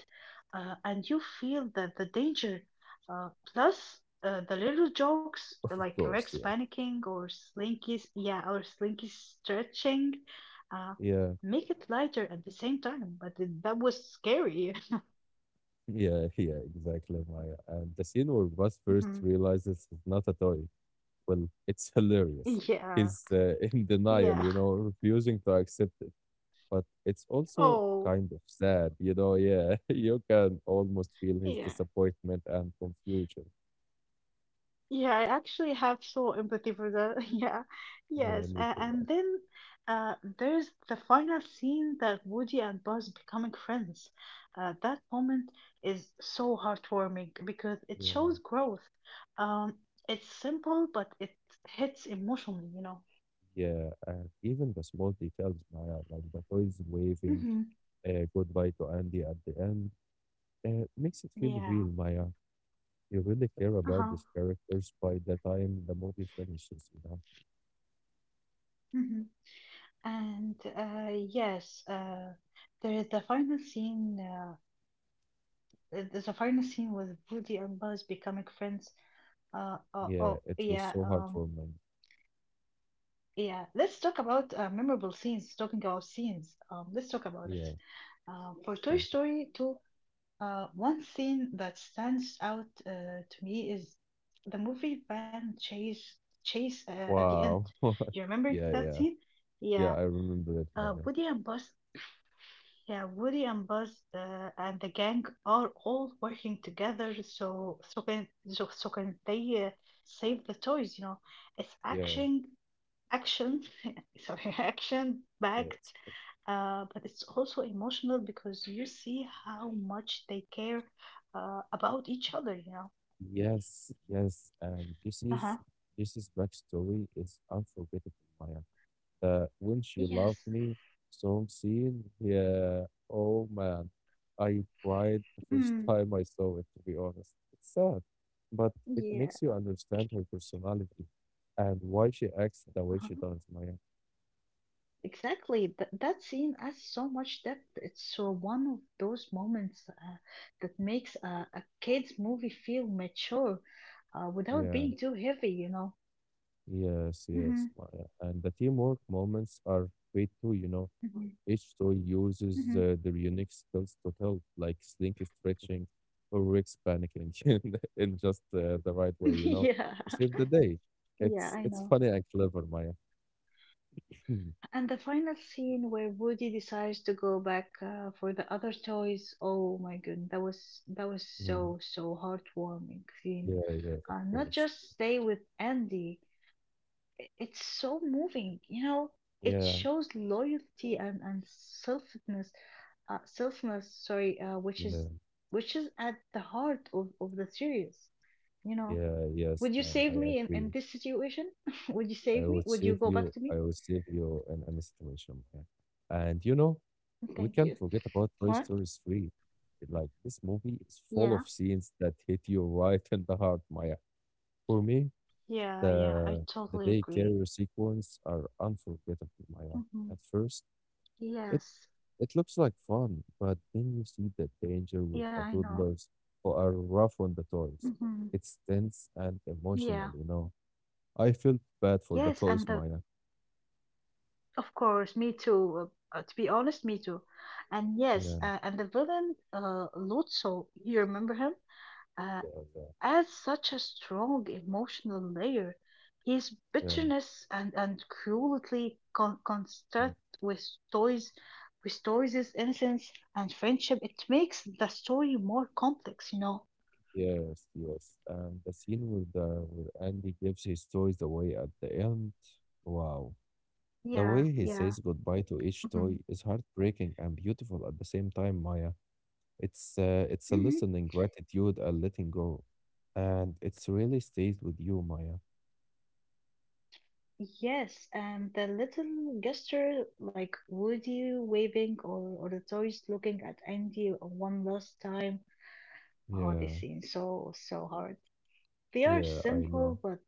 S2: and you feel that the danger. Plus, the little jokes
S1: of
S2: like Rex
S1: course, yeah.
S2: panicking or Slinky's yeah or Slinky stretching, uh,
S1: Yeah,
S2: make it lighter at the same time. But it, that was scary.
S1: yeah, yeah, exactly, Maya. And the scene where Buzz first
S2: Mhm.
S1: realizes it's not a toy, well, it's hilarious.
S2: Yeah,
S1: He's in denial,
S2: yeah.
S1: you know, refusing to accept it, but it's also
S2: Oh,
S1: kind of sad, you know. Yeah, you can almost feel his
S2: yeah.
S1: disappointment and confusion.
S2: Yeah, I actually have so empathy for that. Yeah,
S1: Yeah,
S2: yes.
S1: me
S2: Uh,
S1: too, man.
S2: and then uh, there's the final scene that Woody and Buzz becoming friends. That moment is so heartwarming because it
S1: Yeah,
S2: shows growth. Um, it's simple, but it hits emotionally, you know.
S1: yeah, and even the small details, Maya, like the toys waving
S2: Mm-hmm.
S1: goodbye to Andy at the end, makes it feel
S2: Yeah.
S1: real, Maya. You really care about
S2: Uh-huh.
S1: these characters by the time the movie finishes, you know.
S2: Mm-hmm. And yes, there is the final scene. There's a final scene with Woody and Buzz becoming friends. Uh, oh,
S1: Yeah,
S2: oh,
S1: it was
S2: yeah,
S1: so hard
S2: um,
S1: for me.
S2: yeah. Let's talk about memorable scenes. Talking about scenes, let's talk about it.
S1: Yeah,
S2: For
S1: yeah.
S2: Toy Story 2, one scene that stands out to me is the movie van chase chase at the end.
S1: Wow.
S2: You remember
S1: Yeah,
S2: that
S1: yeah,
S2: scene?
S1: yeah.
S2: Yeah,
S1: I remember it,
S2: uh,
S1: Maya.
S2: Woody and Buzz. Yeah, Woody and Buzz and the gang are all working together, so can they save the toys, you know? It's
S1: Yeah,
S2: action action sorry, action backed,
S1: yeah.
S2: but it's also emotional because you see how much they care about each other, you know.
S1: Yes, yes.
S2: Uh-huh.
S1: Jesse's backstory is unforgettable, Maya. The When She Loved
S2: Yes.
S1: Me song scene, yeah. Oh man, I cried the first
S2: mm,
S1: time I saw it, to be honest. It's sad, but it
S2: yeah.
S1: makes you understand her personality and why she acts the way she
S2: Uh-huh.
S1: does, Maya.
S2: Exactly. That scene adds so much depth. It's one of those moments that makes a kids movie feel mature without
S1: Yeah,
S2: being too heavy, you know.
S1: yes, yes,
S2: hmm
S1: Maya. And the teamwork moments are great too, you know.
S2: hmm
S1: Each toy uses
S2: hmm
S1: their unique skills to help, like Slinky stretching or Rex panicking in, just the right way, you know,
S2: yeah
S1: to save the day.
S2: yeah
S1: It's
S2: I
S1: it's
S2: know.
S1: funny and clever, Maya. Mm,
S2: And the final scene where Woody decides to go back for the other toys. Oh my goodness, that was
S1: mm.
S2: so so heartwarming scene.
S1: Yeah, yeah, of
S2: Not
S1: course.
S2: just stay with Andy. I- It's so moving, you know. It
S1: Yeah,
S2: shows loyalty and selflessness, which
S1: yeah,
S2: is at the heart of the series. You know,
S1: yeah, yes,
S2: would you
S1: Maya,
S2: save
S1: I
S2: me in
S1: agree.
S2: this situation? would you
S1: I
S2: save me?
S1: would
S2: Would
S1: save
S2: you go back
S1: you.
S2: to
S1: I
S2: me?
S1: would save you in any situation, Maya. And you know, we
S2: Thank
S1: can't
S2: you.
S1: forget about Toy
S2: What?
S1: Story 3. Like this movie is full of
S2: Yeah.
S1: scenes that hit you right in the heart, Maya. For me,
S2: Yeah, yeah, I
S1: the the
S2: totally agree.
S1: daycare sequence are unforgettable, Maya.
S2: hmm
S1: At first, it
S2: Yes.
S1: it looks like fun, but then you see the danger with
S2: Yeah,
S1: the
S2: I know.
S1: toddlers who are rough on the toys.
S2: hmm
S1: It's tense and emotional,
S2: Yeah.
S1: you know. I felt bad for the
S2: Yes,
S1: toys,
S2: and the
S1: Maya.
S2: of course, me too. To be honest, me too. And yes,
S1: Yeah,
S2: and the villain, Lotso, you remember him? Uh,
S1: yeah, yeah,
S2: adds such a strong emotional layer. His
S1: yeah,
S2: bitterness and cruelty con
S1: yeah.
S2: construct with stories, restores his innocence and friendship. It makes the story more complex, you know.
S1: Yes, yes. And the scene with the where Andy gives his toys away at the end. Wow. The
S2: Yeah,
S1: way he
S2: yeah.
S1: says goodbye to each
S2: hmm
S1: toy is heartbreaking and beautiful at the same time, Maya. It's a
S2: hmm
S1: listening gratitude and letting go, and it's really stays with you, Maya.
S2: Yes, and the little gesture like Woody waving or the toys looking at Andy one last time. Oh, this
S1: Yeah,
S2: scene so hard. They are
S1: yeah, I know.
S2: simple, but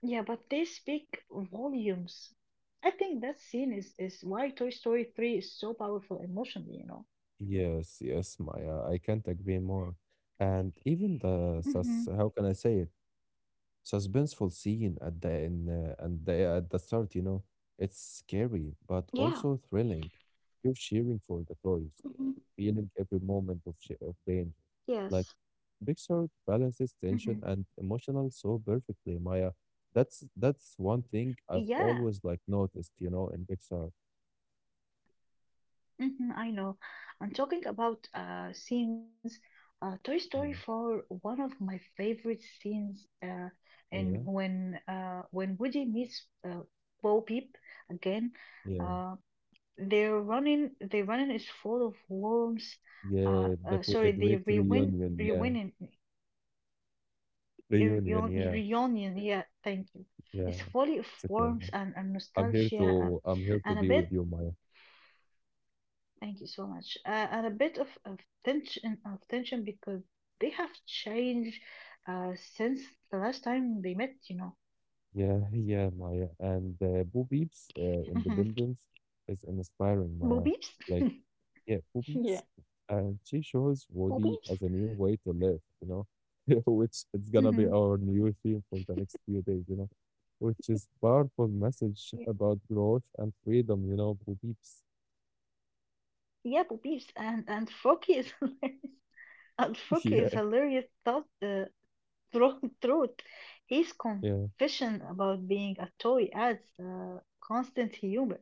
S2: yeah, but they speak volumes. I think that scene is why Toy Story 3 is so powerful emotionally, you know.
S1: Yes, yes, Maya. I can't agree more. And even the
S2: hmm
S1: sus, how can I say it? Suspenseful scene at the in and the at the start, you know, it's scary but
S2: Yeah.
S1: also thrilling. You're cheering for the toys,
S2: Mhm.
S1: feeling every moment of, of
S2: Yes.
S1: danger. Like Pixar
S2: Mm-hmm.
S1: balances tension and emotional so perfectly, Maya. That's one thing
S2: Yeah,
S1: I've always like noticed, you know, in Pixar.
S2: Mhm, I know. I'm talking about scenes. Toy Story
S1: Yeah,
S2: 4, one of my favorite scenes, and
S1: yeah,
S2: when Woody meets Bo Peep again,
S1: yeah,
S2: uh, they're running, their running is full of worms.
S1: yeah. That was
S2: Sorry,
S1: a
S2: the
S1: great reunion. Yeah, reunion. Yeah,
S2: reunion. Yeah, thank you.
S1: yeah.
S2: It's full of
S1: It's okay, man.
S2: worms and nostalgia,
S1: I'm here to
S2: and a
S1: be with
S2: bit
S1: you, Maya.
S2: Thank you so much. And a bit of tension because they have changed since the last time they met, you know.
S1: Yeah, yeah, Maya. And Boo Beep's
S2: hmm
S1: independence is inspiring,
S2: Bo
S1: Maya.
S2: Peeps.
S1: Like, yeah,
S2: Yeah.
S1: movies, and she shows
S2: Bo
S1: Woody
S2: Peeps.
S1: as a new way to live, you know, which it's gonna be
S2: hmm
S1: our new theme for the next few days, you know, which is powerful message
S2: Yeah,
S1: about growth and freedom, you know, for peeps.
S2: yeah, Bo Peeps. And Forky is hilarious. And Forky is
S1: Yeah,
S2: hilarious thought Through, Truth. His
S1: yeah.
S2: confession about being a toy adds constant humor,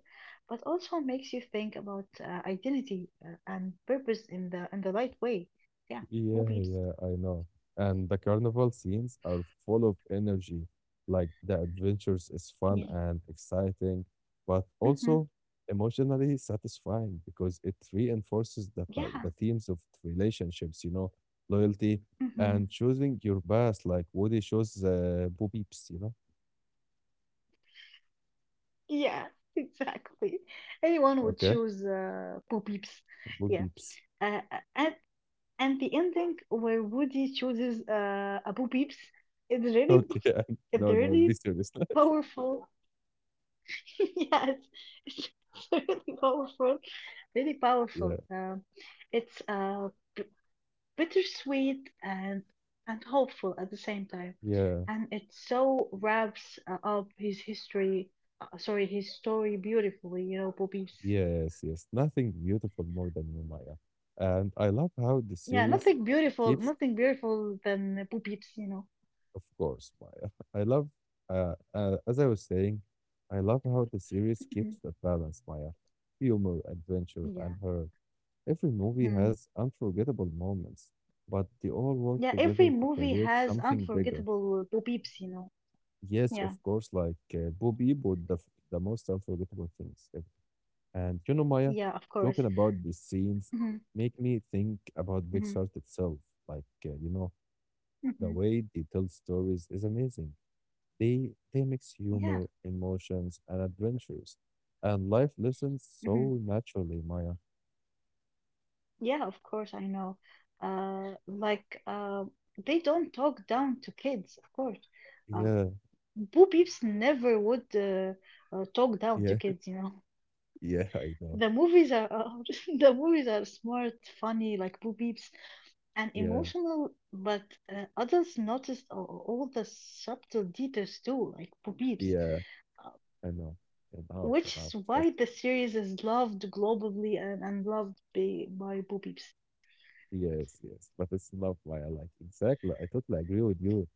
S2: but also makes you think about identity and purpose in the right way. Yeah, who
S1: Yeah, yeah, I know. And the carnival scenes are full of energy. Like the adventures is fun
S2: Yeah.
S1: and exciting, but
S2: Mm-hmm.
S1: also emotionally satisfying because it reinforces the
S2: Yeah.
S1: the themes of relationships, you know, loyalty
S2: Mm-hmm.
S1: and choosing your best. Like Woody shows Bo Peeps, you know.
S2: Yeah, exactly. Anyone would
S1: Okay,
S2: choose Bo Peeps.
S1: Bo
S2: Yeah.
S1: Peeps.
S2: Uh, uh, and, and the ending where Woody chooses a Bo Peeps is really,
S1: Okay,
S2: it's
S1: no, no, be
S2: really
S1: serious.
S2: powerful. Yes, it's really powerful, really
S1: Yeah,
S2: powerful. It's b bittersweet and hopeful at the same time,
S1: yeah.
S2: and it so wraps sorry, his story beautifully. You know, Bo Peep's.
S1: Yes, yes, nothing beautiful more than you, Maya. And I love how the
S2: Yeah,
S1: series
S2: nothing beautiful,
S1: keeps,
S2: nothing beautiful than Bo Peep's. You know.
S1: of course, Maya. I love, as I was saying, I love how the series keeps
S2: Mhm.
S1: that balance, Maya. Humor, adventure, and
S2: Yeah.
S1: her. Every movie
S2: Mhm.
S1: has unforgettable moments, but they all work
S2: Yeah, every
S1: together to
S2: movie
S1: create
S2: has
S1: something bigger.
S2: unforgettable Bo Peeps. You know.
S1: Yes,
S2: Yeah.
S1: of course, like Bo Peep with the most unforgettable things ever. And you know, Maya,
S2: Yeah, of course.
S1: talking about these scenes
S2: hmm
S1: make me think about Big
S2: hmm
S1: Pixar itself. Like, you know, the
S2: hmm
S1: way they tell stories is amazing. They mix
S2: Yeah.
S1: humor, emotions, and adventures, and life lessons so
S2: Mhm.
S1: naturally, Maya.
S2: Yeah, of course, I know. Uh, like, uh, they don't talk down to kids, of course. Uh,
S1: Yeah,
S2: Bo Peeps never would talk down
S1: yeah,
S2: to kids, you know.
S1: yeah. I know.
S2: The movies are the movies are smart, funny, like Bo Peeps, and
S1: Yeah,
S2: emotional. But adults noticed all the subtle details too, like Bo Peeps,
S1: yeah.
S2: uh,
S1: I know. Enough,
S2: which
S1: enough.
S2: is
S1: Trust.
S2: why the series is loved globally and loved by Bo Peeps.
S1: Yes, yes. But it's love why I like. Exactly. I totally agree with you.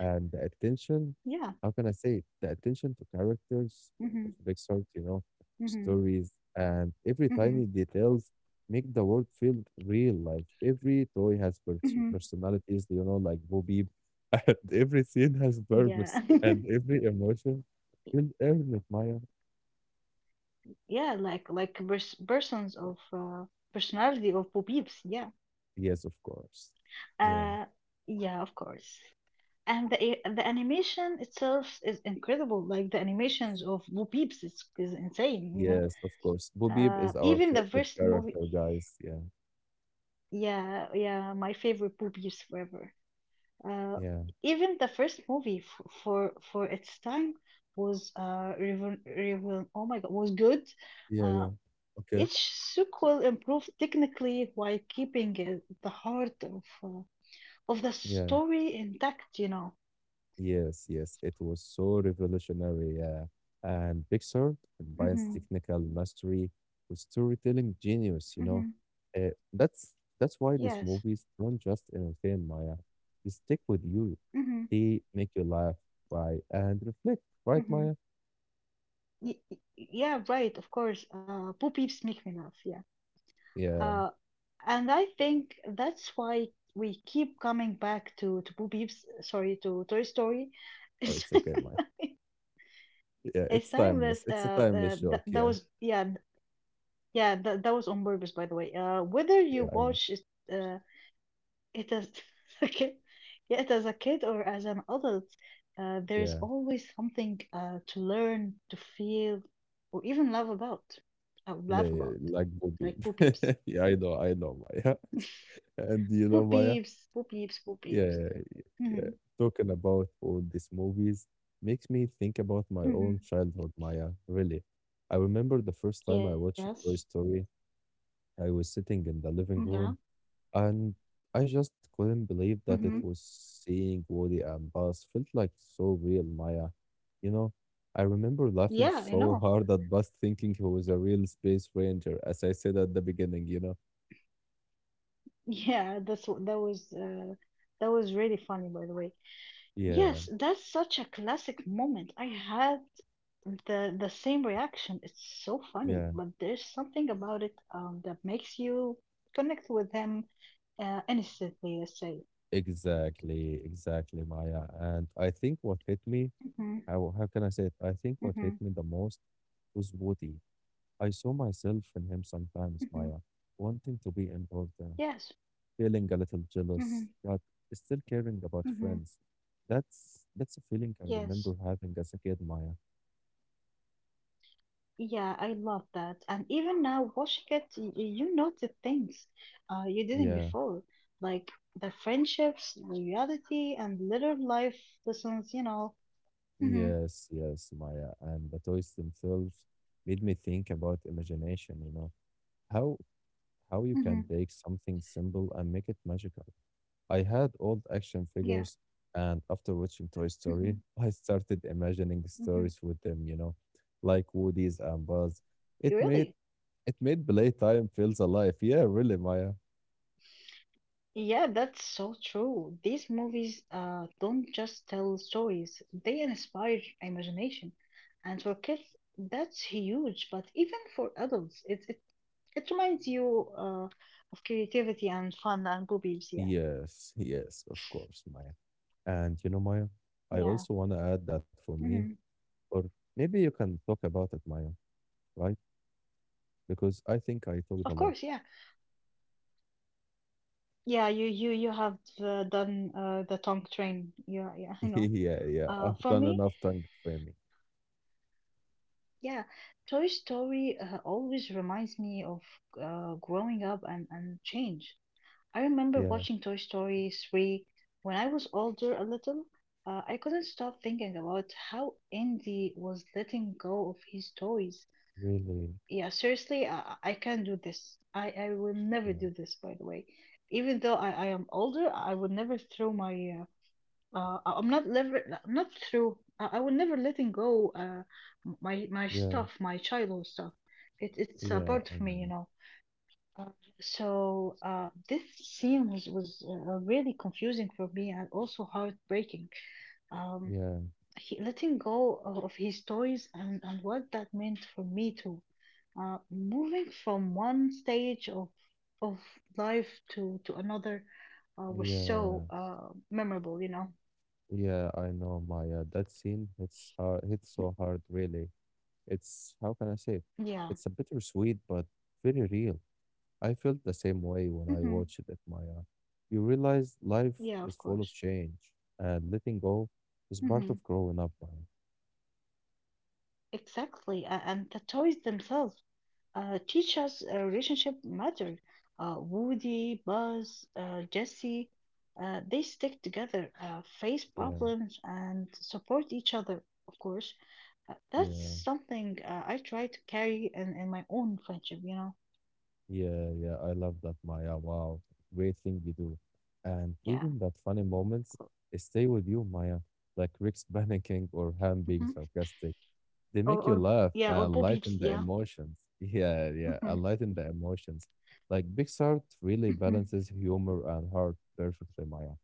S1: And the attention,
S2: Yeah.
S1: how can I say it? The attention to characters of
S2: hmm
S1: big sort, you know,
S2: hmm
S1: stories and every
S2: hmm
S1: tiny details make the world feel real. Like every toy has pers
S2: Mhm.
S1: personalities, you know, like Bo Peep. And every scene has
S2: Yeah.
S1: purpose and every emotion will earn it, Maya.
S2: Yeah, like pers- persons of personality of Bo. Yeah.
S1: Yes, of course. Yeah.
S2: Uh, yeah, of course. And the animation itself is incredible. Like the animations of Bo is insane. You know.
S1: Yes, of course. Bo Peep is our
S2: Even the
S1: favorite
S2: first movie.
S1: character, guys. Yeah.
S2: Yeah, yeah, my favorite Bo forever. Uh,
S1: Yeah,
S2: even the first movie f for for its time was revol revol oh my god, was good.
S1: yeah,
S2: Uh,
S1: yeah. Okay.
S2: Each sequel improved technically while keeping the heart of the
S1: Yeah,
S2: story intact, you know.
S1: yes. It was so revolutionary. Yeah. And Pixar combines
S2: Mm-hmm.
S1: technical mastery with storytelling genius, you know.
S2: Mm-hmm.
S1: That's why these
S2: Yes.
S1: movies don't just entertain Maya. They stick with you.
S2: Mm-hmm.
S1: They make you laugh, cry, and reflect, right,
S2: Mm-hmm.
S1: Maya?
S2: Yeah, right, of course. Bo Peeps make me laugh, yeah.
S1: Yeah.
S2: Uh, and I think that's why we keep coming back to Bo Peeps, sorry, to Toy Story.
S1: Oh,
S2: It's
S1: it's okay, Maya. Yeah,
S2: it's
S1: it's
S2: timeless.
S1: timeless. It's a timeless
S2: Th
S1: joke.
S2: that
S1: Yeah.
S2: was yeah, th- Yeah, that was on purpose, by the way. Whether you
S1: Yeah, I know.
S2: watch it, uh, It is okay. Yeah, it as a kid or as an adult, there's
S1: Yeah.
S2: always something to learn, to feel, or even laugh about. I would
S1: Yeah,
S2: laugh
S1: yeah,
S2: about,
S1: like board game.
S2: like poo peeps,
S1: Yeah, I know, Maya. And you
S2: poo
S1: know, Maya,
S2: peeps, poo peeps, poo peeps.
S1: yeah, yeah.
S2: hmm
S1: yeah. Talking about all these movies makes me think about my
S2: hmm
S1: own childhood, Maya. Really, I remember the first time I
S2: Yes.
S1: watched Toy Story. I was sitting in the
S2: Mm,
S1: living
S2: yeah.
S1: room and I just
S2: hmm
S1: couldn't
S2: hmm
S1: believe that it was seeing Woody and Buzz felt like so real, Maya. You know, I remember
S2: Yeah,
S1: laughing
S2: I know.
S1: so hard at Buzz thinking he was a real space ranger, as I said at the beginning, you know?
S2: Yeah, that's what that was. That was really funny, by the way.
S1: Yeah,
S2: Yes, that's such a classic moment. I had the same reaction. It's so funny,
S1: yeah,
S2: but there's something about it, that makes you connect with them instantly, let's say.
S1: exactly, exactly, Maya. And I think what hit me,
S2: mm-hmm,
S1: how can I say it? I think what hit
S2: mm-hmm,
S1: me the most was Woody. I saw myself in him sometimes,
S2: mm-hmm.
S1: Maya, wanting to be important,
S2: yes
S1: feeling a little jealous,
S2: mm-hmm,
S1: but still caring about
S2: mm-hmm,
S1: friends. That's a feeling I
S2: yes,
S1: remember having as a kid, Maya.
S2: yeah, I love that. And even now watching it, you noted things you didn't
S1: Yeah,
S2: before, like the friendships, loyalty, and little life lessons, you know. Mm-hmm,
S1: yes, Maya. And the toys themselves made me think about imagination, you know. How how you
S2: mm-hmm,
S1: can take something simple and make it magical. I had old action
S2: yeah
S1: figures and after watching Toy
S2: mm-hmm,
S1: Story, I started imagining
S2: mm-hmm.
S1: stories with them, you know, like Woody's and Buzz. It
S2: You
S1: made
S2: really
S1: it made playtime feels alive. Yeah, really, Maya.
S2: Yeah, that's so true. These movies don't just tell stories, they inspire imagination. And for kids, that's huge. But even for adults, it reminds you of creativity and fun and boobies. Yeah.
S1: Yes, of course, Maya. And you know, Maya, I
S2: Yeah.
S1: also want to add that for me,
S2: hmm
S1: or maybe you can talk about it, Maya, right? Because I think I talked a
S2: Of
S1: lot.
S2: course. Yeah. Yeah. You have done the tongue train. Yeah. Yeah. I know.
S1: Yeah, I've
S2: For
S1: done
S2: me,
S1: enough tongue training.
S2: yeah, Toy Story always reminds me of growing up and change. I remember
S1: Yeah,
S2: watching Toy Story 3 when I was older a little. I couldn't stop thinking about how Andy was letting go of his toys.
S1: really.
S2: Yeah, seriously, I can't do this. I will never
S1: Yeah,
S2: do this, by the way. Even though I am older, I would never throw my. I'm not through. I would never letting go my my
S1: yeah,
S2: stuff, my childhood stuff. It's a
S1: yeah,
S2: part
S1: I
S2: of me, you
S1: know.
S2: know. Uh, so this scene was really confusing for me and also heartbreaking. Um,
S1: Yeah,
S2: he letting go of his toys, and what that meant for me too. Moving from one stage of life to another was
S1: yeah,
S2: so memorable, you know.
S1: yeah, I know, Maya. That scene hits hard, hits so hard, really. It's, how can I say it?
S2: Yeah.
S1: It's a bittersweet, but very real. I felt the same way when I
S2: hmm
S1: watched it, Maya. You realize life
S2: Yeah,
S1: is
S2: of
S1: full of
S2: course.
S1: change, and letting go is part
S2: hmm
S1: of growing up, Maya.
S2: Exactly. And the toys themselves. Teachers' relationship mattered. Woody, Buzz, Jesse, they stick together, face
S1: Yeah,
S2: problems, and support each other, of course. That's
S1: yeah,
S2: something I try to carry in my own friendship, you know?
S1: yeah. I love that, Maya. Wow, great thing you do. And
S2: Yeah.
S1: even that funny moments stay with you, Maya, like Rick's panicking or Ham being
S2: Mhm.
S1: sarcastic. They
S2: Or,
S1: make you
S2: or,
S1: laugh
S2: yeah, or
S1: and
S2: Bo Peeps,
S1: lighten the
S2: yeah.
S1: emotions. Yeah, and lighten the emotions. Like Pixar really
S2: Mhm.
S1: balances humor and heart perfectly, Maya.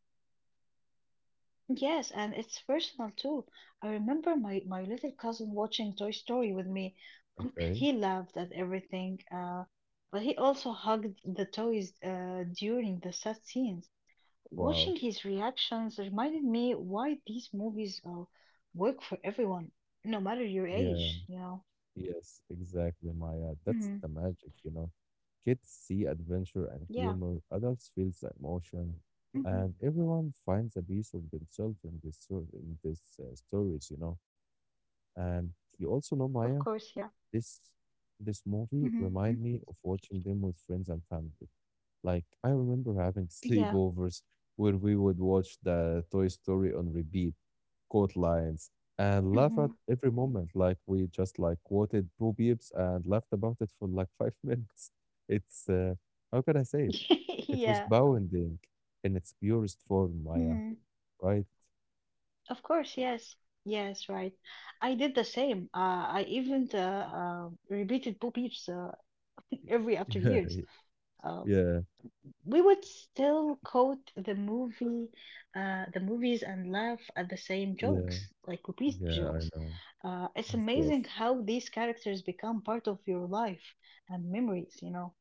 S2: Yes, and it's personal too. I remember my little cousin watching Toy Story with me.
S1: Okay.
S2: He laughed at everything, but he also hugged the toys during the sad scenes.
S1: Wow.
S2: Watching his reactions reminded me why these movies work for everyone, no matter your
S1: Yeah.
S2: age, you know.
S1: Yes, exactly, Maya. That's
S2: hmm
S1: the magic, you know. Kids see adventure and
S2: Yeah.
S1: humor, adults feel the emotion,
S2: hmm
S1: and everyone finds a piece of themselves in this in these stories, you know. And you also know,
S2: Of
S1: Maya,
S2: course, yeah.
S1: this this movie
S2: hmm
S1: remind me of watching them with friends and family. Like I remember having
S2: Yeah.
S1: sleepovers where we would watch the Toy Story on repeat quote lines and laugh at
S2: hmm
S1: every moment. Like we just like quoted Bo Peeps and laughed about it for like five minutes. It's how can I say it? It was
S2: Yeah.
S1: bounding in its purest form, Maya.
S2: hmm
S1: Right?
S2: Of course, yes. Yes, right. I did the same. I even repeated Bo Peeps every after years. Uh,
S1: Yeah,
S2: we would still quote the movies, and laugh at the same
S1: yeah,
S2: jokes, like Bo
S1: yeah, yeah. I
S2: jokes.
S1: know.
S2: It's
S1: Of course.
S2: amazing how these characters become part of your life and memories. You know.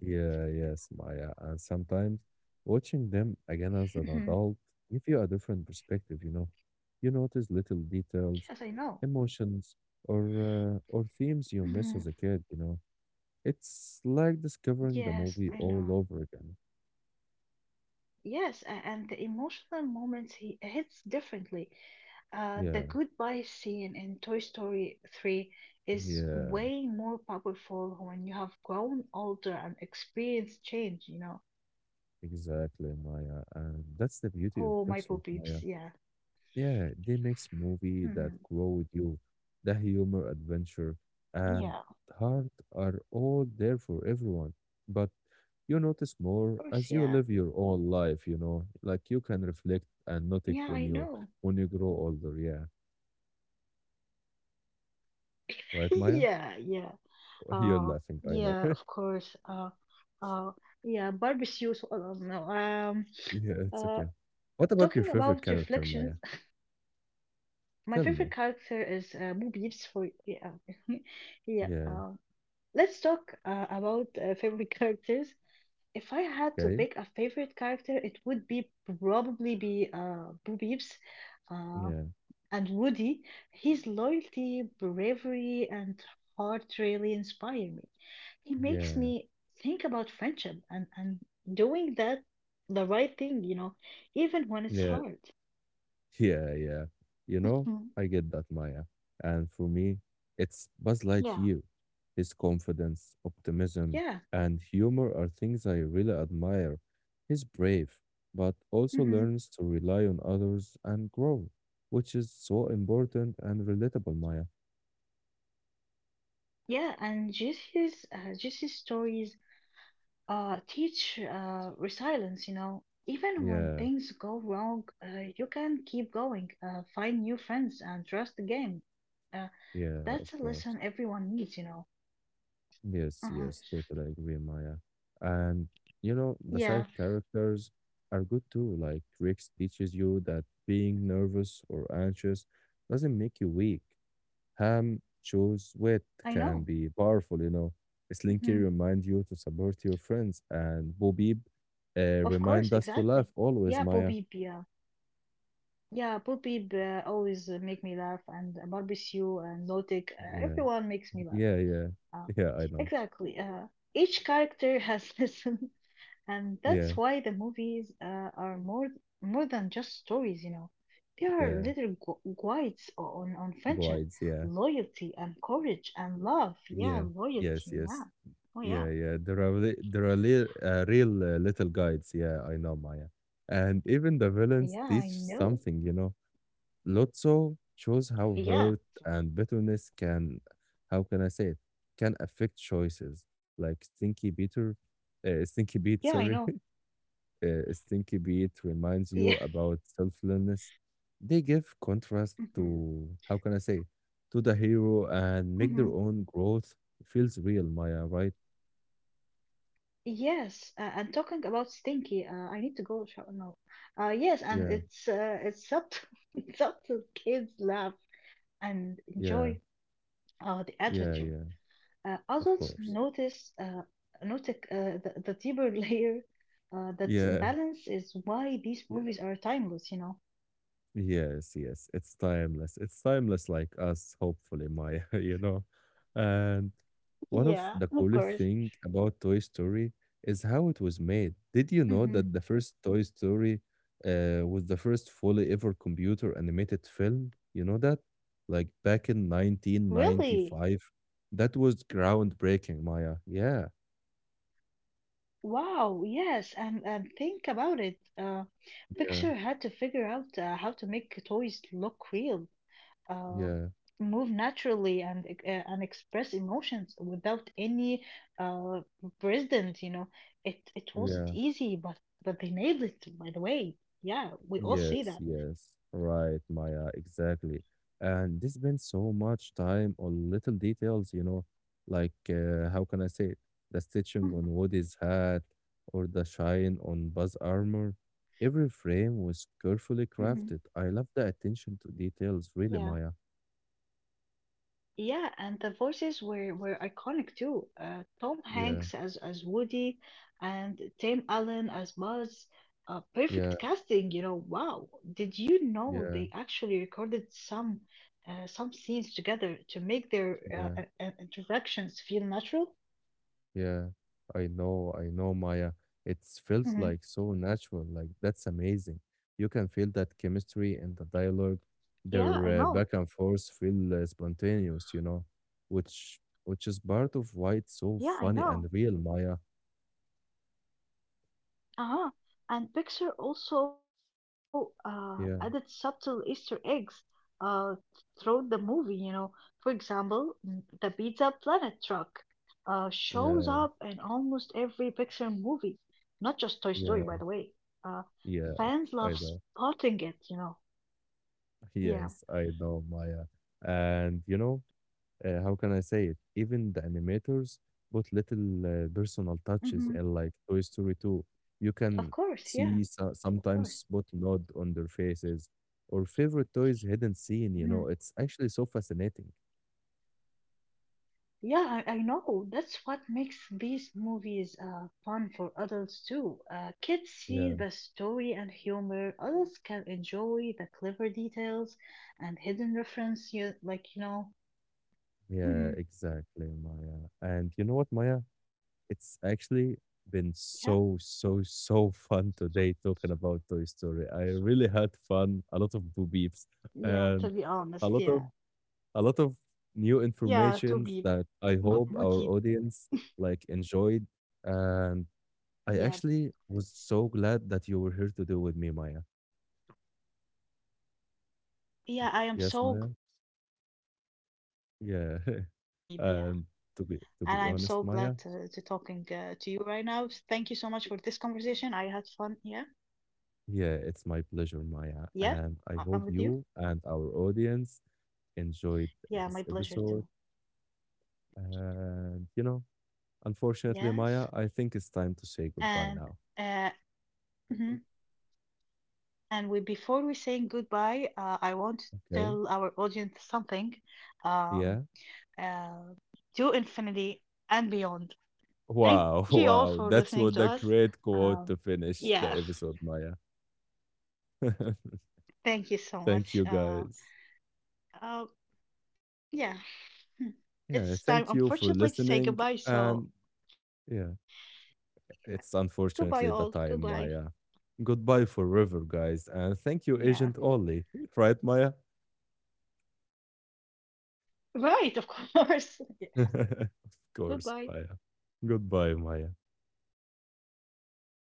S1: Yeah, yes, Maya. And sometimes watching them again as an
S2: Yes,
S1: adult give you a different perspective, you know. You notice little details,
S2: I know.
S1: emotions, or themes you miss
S2: Mhm.
S1: as a kid, you know. It's like discovering the
S2: Yes,
S1: movie
S2: I
S1: all
S2: know.
S1: over again.
S2: Yes, and the emotional moments he hits differently.
S1: Yeah,
S2: The goodbye scene in Toy Story 3 is
S1: yeah,
S2: way more powerful when you have grown older and experienced change, you know.
S1: exactly, Maya. And that's the beauty of
S2: Oh, my
S1: Pixar, Maya.
S2: poopies, yeah.
S1: Yeah, they makes movie that
S2: hmm
S1: grow with you. The humor, adventure, and
S2: Yeah, of
S1: heart are all there for everyone. But you notice more
S2: course,
S1: as you
S2: yeah.
S1: live your own life, you know, like you can reflect and notice
S2: Yeah,
S1: when
S2: I know.
S1: you grow older. Yeah. Right, Maya?
S2: Yeah, yeah.
S1: You're
S2: Uh,
S1: laughing, I
S2: yeah,
S1: know.
S2: of course. Uh, yeah, barbecues. No,
S1: Yeah, it's
S2: uh,
S1: okay. What about your
S2: Talking about
S1: favorite character,
S2: reflections,
S1: Maya?
S2: my
S1: Tell
S2: favorite
S1: me.
S2: character is Boo Peeps for yeah. Yeah.
S1: Yeah.
S2: Let's talk about favorite characters. If I had to
S1: Okay.
S2: pick a favorite character, it would be probably be Boo Peeps uh,
S1: Yeah.
S2: and Woody. His loyalty, bravery, and heart really inspire me. He makes
S1: Yeah.
S2: me think about friendship and doing that the right thing, you know, even when it's
S1: Yeah.
S2: hard.
S1: Yeah. You know,
S2: Mm,
S1: I get that, Maya. And for me, it's Buzz
S2: yeah,
S1: Lightyear. His confidence, optimism,
S2: yeah.
S1: and humor are things I really admire. He's brave, but also learns to rely on others and grow, which is so important and relatable, Maya.
S2: Yeah, and Jesse's Jesse's stories teach resilience. You know, even when
S1: Yeah,
S2: things go wrong, you can keep going, find new friends, and trust again. Uh,
S1: yeah, of
S2: that's a
S1: course.
S2: lesson everyone needs. You know. Uh-huh.
S1: Yes, totally agree, Maya. And you know, the side
S2: Yeah,
S1: characters are good too. Like Rex teaches you that being nervous or anxious doesn't make you weak. Ham shows wit
S2: I
S1: can
S2: know.
S1: be powerful, you know. Slinky
S2: hmm
S1: remind you to support your friends, and Bobib
S2: Of course,
S1: remind us to laugh
S2: exactly.
S1: always,
S2: Yeah,
S1: Maya.
S2: Bobby. Yeah, yeah, Bobby always make me laugh, and Barbecue and Notic,
S1: Yeah,
S2: everyone makes me laugh.
S1: yeah, yeah,
S2: Uh,
S1: yeah. I know.
S2: exactly. Each character has lesson. And
S1: Yeah,
S2: that's why the movies are more than just stories, you know. They are
S1: yeah.
S2: little guides on friendship,
S1: Guides. Yeah,
S2: loyalty, and courage, and love.
S1: yeah.
S2: Yeah,
S1: Yes,
S2: loyalty.
S1: yes.
S2: Yeah. Oh, yeah.
S1: Yeah. There are there are real little guides. Yeah, I know, Maya. And even the villains teach
S2: Yeah, I
S1: something. You
S2: know.
S1: know, Lotso shows how hurt
S2: Yeah.
S1: and bitterness can, how can I say it, can affect choices. Like Stinky Peter, Stinky Beat,
S2: Yeah, I
S1: sorry,
S2: know.
S1: Stinky Beat reminds
S2: Yeah.
S1: you about selflessness. They give contrast to how can I say it, to the hero and
S2: Mm,
S1: make
S2: hmm.
S1: their own growth feels real, Maya. Right?
S2: Yes, and talking about stinky, I need to go shower now. Yes, and
S1: Yeah,
S2: it's up to it's up to kids laugh and
S1: yeah.
S2: enjoy the
S1: Yeah,
S2: adventure.
S1: yeah, of
S2: Adults
S1: course.
S2: notice the deeper layer, that
S1: Yeah,
S2: balance is why these movies are timeless, you know.
S1: yes. It's timeless. It's timeless like us, hopefully, Maya, you know. And one of
S2: Yeah,
S1: the
S2: of
S1: coolest
S2: course.
S1: thing about Toy Story is how it was made. Did you know
S2: hmm
S1: that the first Toy Story was the first fully ever computer animated film? You know that? Like back in
S2: Really?
S1: 1995. That was groundbreaking, Maya. Yeah,
S2: Wow, yes, and think about it.
S1: yeah,
S2: Pixar had to figure out how to make toys look real, uh,
S1: yeah,
S2: move naturally and express emotions without any uh, president. You know, it wasn't
S1: yeah.
S2: easy, but they nailed it. By the way, yeah, we all see that.
S1: Yes, right, Maya, exactly. And they spend so much time on little details, you know, like how can I say it? The stitching
S2: Mhm,
S1: on Woody's hat or the shine on Buzz armor. Every frame was carefully
S2: mhm.
S1: crafted. I love the attention to details, really,
S2: Yeah.
S1: Maya.
S2: Yeah, and the voices were iconic too. Tom
S1: Yeah,
S2: Hanks as Woody, and Tim Allen as Buzz.
S1: yeah,
S2: Perfect casting, you know. Wow, did you know
S1: yeah,
S2: they actually recorded some scenes together to make their
S1: yeah.
S2: interactions feel natural?
S1: Yeah, I know, Maya. It feels
S2: Mm-hmm.
S1: like so natural. Like that's amazing. You can feel that chemistry and the dialogue.
S2: Yeah, I know.
S1: Their back and forth feel spontaneous, you know, which is part of why it's
S2: Yeah, I
S1: so
S2: know.
S1: funny and real, Maya.
S2: Uh-huh. And Pixar also added subtle
S1: Yeah,
S2: Easter eggs uh, throughout the movie, you know. For example, the Pizza Planet truck shows up
S1: yeah,
S2: in almost every Pixar movie, not just Toy Story, by the
S1: yeah,
S2: way. Uh,
S1: yeah.
S2: fans
S1: I
S2: love
S1: know.
S2: spotting it, you know.
S1: Yes,
S2: Yeah.
S1: I know, Maya. And you know, how can I say it? Even the animators put little personal touches,
S2: hmm
S1: and like Toy Story 2, you can
S2: Of course,
S1: see
S2: yeah, of course.
S1: sometimes put nod on their faces or favorite toys hidden scene. You
S2: Mm-hmm.
S1: know, it's actually so fascinating.
S2: Yeah, I know. That's what makes these movies fun for adults too. Kids see
S1: Yeah,
S2: the story and humor. Adults can enjoy the clever details and hidden reference. You like, you know.
S1: yeah,
S2: hmm
S1: exactly, Maya. And you know what, Maya? It's actually been
S2: Yeah.
S1: so, so, so fun today talking about Toy Story. I really had fun, a lot of boo beeps,
S2: Yeah, to be
S1: and
S2: honest,
S1: a lot
S2: yeah.
S1: of a lot of new
S2: Yeah, to be
S1: informations that I hope our
S2: booty.
S1: audience like enjoyed. And
S2: Yeah.
S1: I actually was so glad that you were here to do with me, Maya.
S2: Yeah, I am
S1: Yes,
S2: so
S1: Maya.
S2: glad that we mentioned it, Booby. Yeah.
S1: Yeah.
S2: And I'm so
S1: And
S2: glad to
S1: to be
S2: talking
S1: honest,
S2: to you
S1: Maya,
S2: right now. Thank you so much for this conversation. I had fun. Yeah.
S1: yeah, it's
S2: Yeah,
S1: my pleasure,
S2: I'm
S1: Maya.
S2: with you.
S1: And I hope you and our audience
S2: Yeah, my pleasure
S1: enjoyed
S2: too.
S1: this episode. And you know,
S2: Yes.
S1: unfortunately, Maya, I think it's time to
S2: And
S1: say goodbye
S2: uh
S1: now.
S2: mhm. And we before we saying goodbye, I want to tell
S1: Okay.
S2: our audience something. Um
S1: Yeah.
S2: uh to infinity and beyond. Thank
S1: Wow,
S2: you all
S1: wow.
S2: for
S1: That's
S2: listening to
S1: what a
S2: us.
S1: great quote
S2: Um
S1: to finish the
S2: yeah,
S1: episode, Maya.
S2: thank you so
S1: Thank
S2: much.
S1: you guys.
S2: Uh yeah. hmm.
S1: Yeah,
S2: It's time
S1: thank you for
S2: unfortunately to say
S1: listening.
S2: goodbye,
S1: And
S2: so
S1: yeah, it's unfortunately
S2: goodbye
S1: the
S2: all.
S1: time, Maya.
S2: Goodbye.
S1: Goodbye forever, guys. And thank you,
S2: Yeah.
S1: Agent Ollie. Right, Maya?
S2: Right, of course.
S1: Of course, Maya.
S2: Goodbye.
S1: Goodbye, Maya.